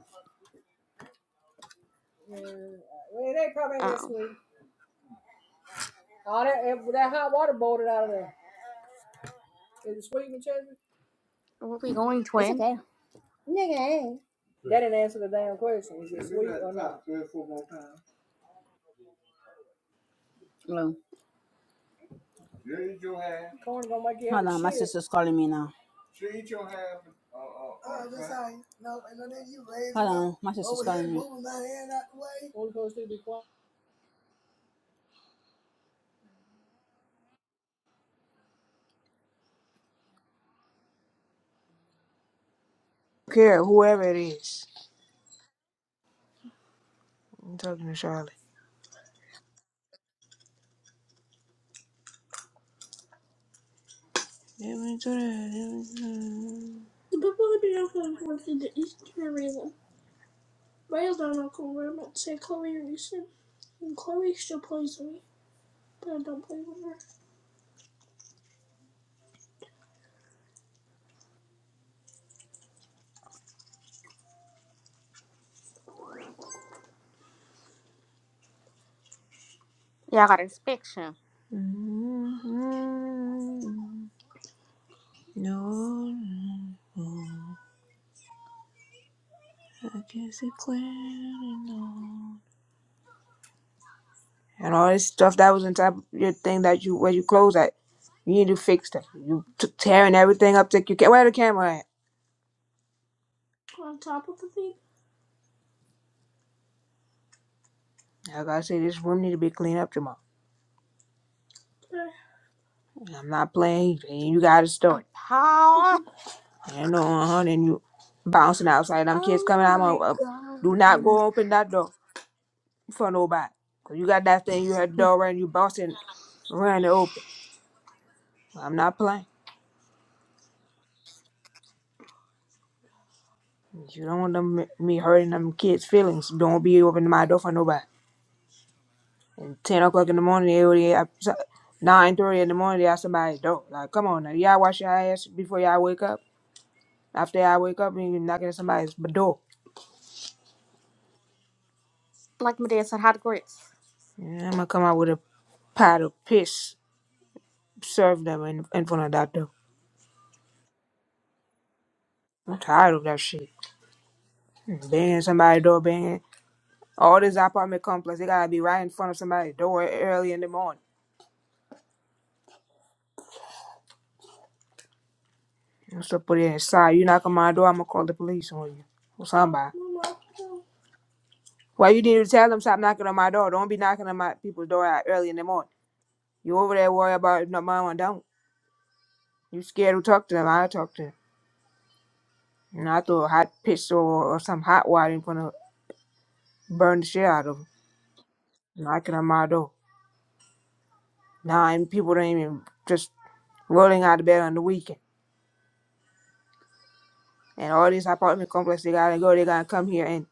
B: Oh. Where we going,
C: It's
B: twin?
C: okay. Hold on. My sister's calling me.
A: Don't Care whoever it is. I'm talking to Charlotte. Let me do that, let me do that. The people who do not want to go to the Eastern Arena. Rails on Uncle Raymond say Chloe Reason, and Chloe still plays with me, but I don't play with her.
B: Yeah, I got inspection.
A: Mhm. No, I guess it's clear and all. And all this stuff that was on top of your thing that you where you close at. You need to fix that. You t- tearing everything up. Take you can where the camera at? On top of the thing. Like I say, this room need to be cleaned up tomorrow. Yeah. And I'm not playing. and You gotta
B: A
A: start.
B: power.
A: And no, uh huh. And you bouncing outside. Them kids
B: Oh
A: coming. I'm on.
B: my
A: Uh, do not
B: god.
A: go open that door. for nobody. 'Cause you got that thing, you had the door right and you bounced it, ran it open. I'm not playing. You don't want them, me hurting them kids' feelings. Don't be opening my door for nobody. And 10 o'clock in the morning, they already have, 9.30 in the morning, they have somebody's door. Like, come on now. Y'all wash your ass before y'all wake up. After y'all wake up, and you knocking at somebody's door.
B: Like my dad said, hot grits.
A: Yeah, I'm going to come out with a pot of piss, serve them in, in front of that door. I'm tired of that shit. Banging somebody's door, banging. All this apartment complex, they gotta be right in front of somebody's door early in the morning. What's to put it inside? You knock on my door, I'm gonna call the police on you. Or somebody. Why you need to tell them stop knocking on my door? Don't be knocking on my people's door out early in the morning. You over there worry about if no mama? don't. You scared to talk to them, i talk to them. And I throw a hot pistol or, or some hot water in front of burn the shit out of them. Knocking on my door. Nah, and people don't even just rolling out of bed on the weekend. And all these apartment complexes, they gotta go, they gotta come here and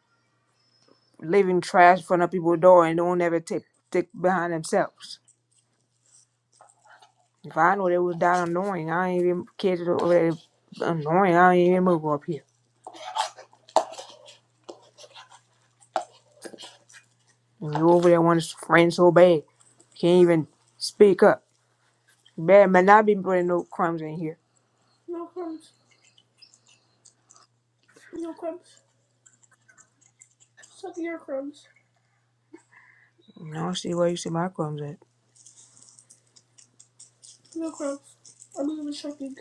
A: leaving trash in front of people's door and don't ever take stick behind themselves. If I know they was that annoying, I ain't even care to over there annoying, I ain't even move up here. And you over there want to friend so bad. Can't even speak up. Bad man not be putting no crumbs in here. No crumbs. No crumbs. Suck your crumbs. No, I see where you see my crumbs at. No crumbs. I'm even shopping.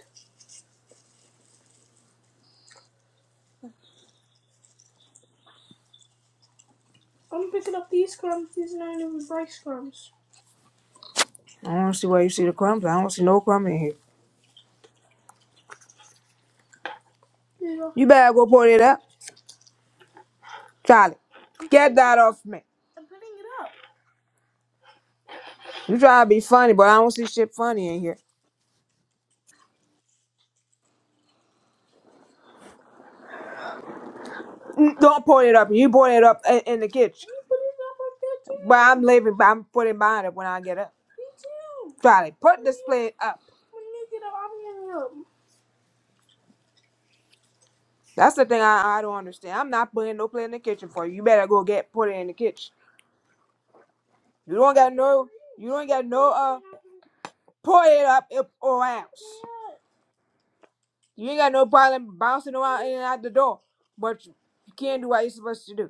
A: I'm picking up these crumbs. These are not even rice crumbs. I don't see where you see the crumbs. I don't see no crumb in here. You better go put it up, Charlie. Get that off me. You try to be funny, but I don't see shit funny in here. Mm, Don't put it up. You put it up in, in the kitchen. But I'm leaving. But I'm putting mine up when I get up. Charlie, put this plate up. That's the thing I, I don't understand. I'm not putting no plate in the kitchen for you. You better go get put it in the kitchen. You don't got no. You don't got no. Uh, put it up if- or else. You ain't got no problem bouncing around in and out the door, but you can't do what you're supposed to do.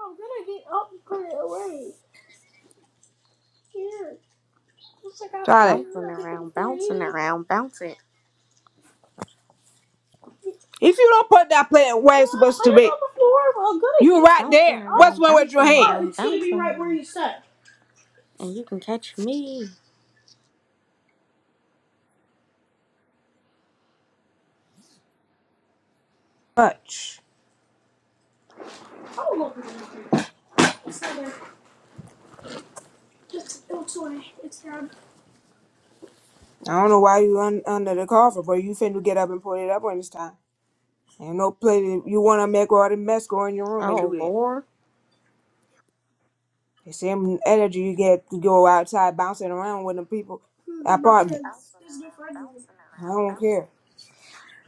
A: I'm gonna get up and put it away. Here, looks like I Got
B: Bouncing
A: everything
B: around,
A: for
B: bouncing
A: you.
B: around, bouncing.
A: If you don't put that plate where it's supposed to be, on the floor. I'm gonna you right
B: Bouncing
A: there. What's
B: around,
A: wrong with your
B: bouncing
A: hand? Oh,
B: around,
A: it's gonna be right where
B: bouncing.
A: you said.
B: And you can catch me.
A: Touch. I don't know. It's not there. It's, it's away. It's down. I don't know why you un- under the cover, but you finna get up and put it up on this time. Ain't no plate. You wanna make all the mess go in your room and do
B: Oh
A: that.
B: lord.
A: The same energy you get to go outside bouncing around with them people. Hmm, I probably, I don't care.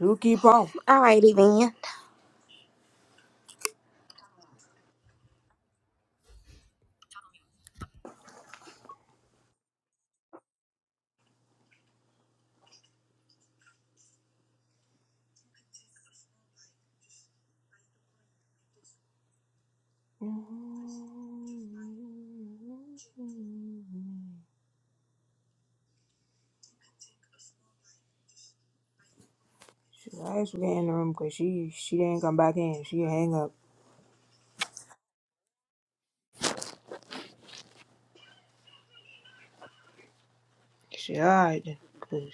A: You keep on.
B: All righty then.
A: She asked to get in the room because she, she didn't come back in. She hang up. She said, all right then.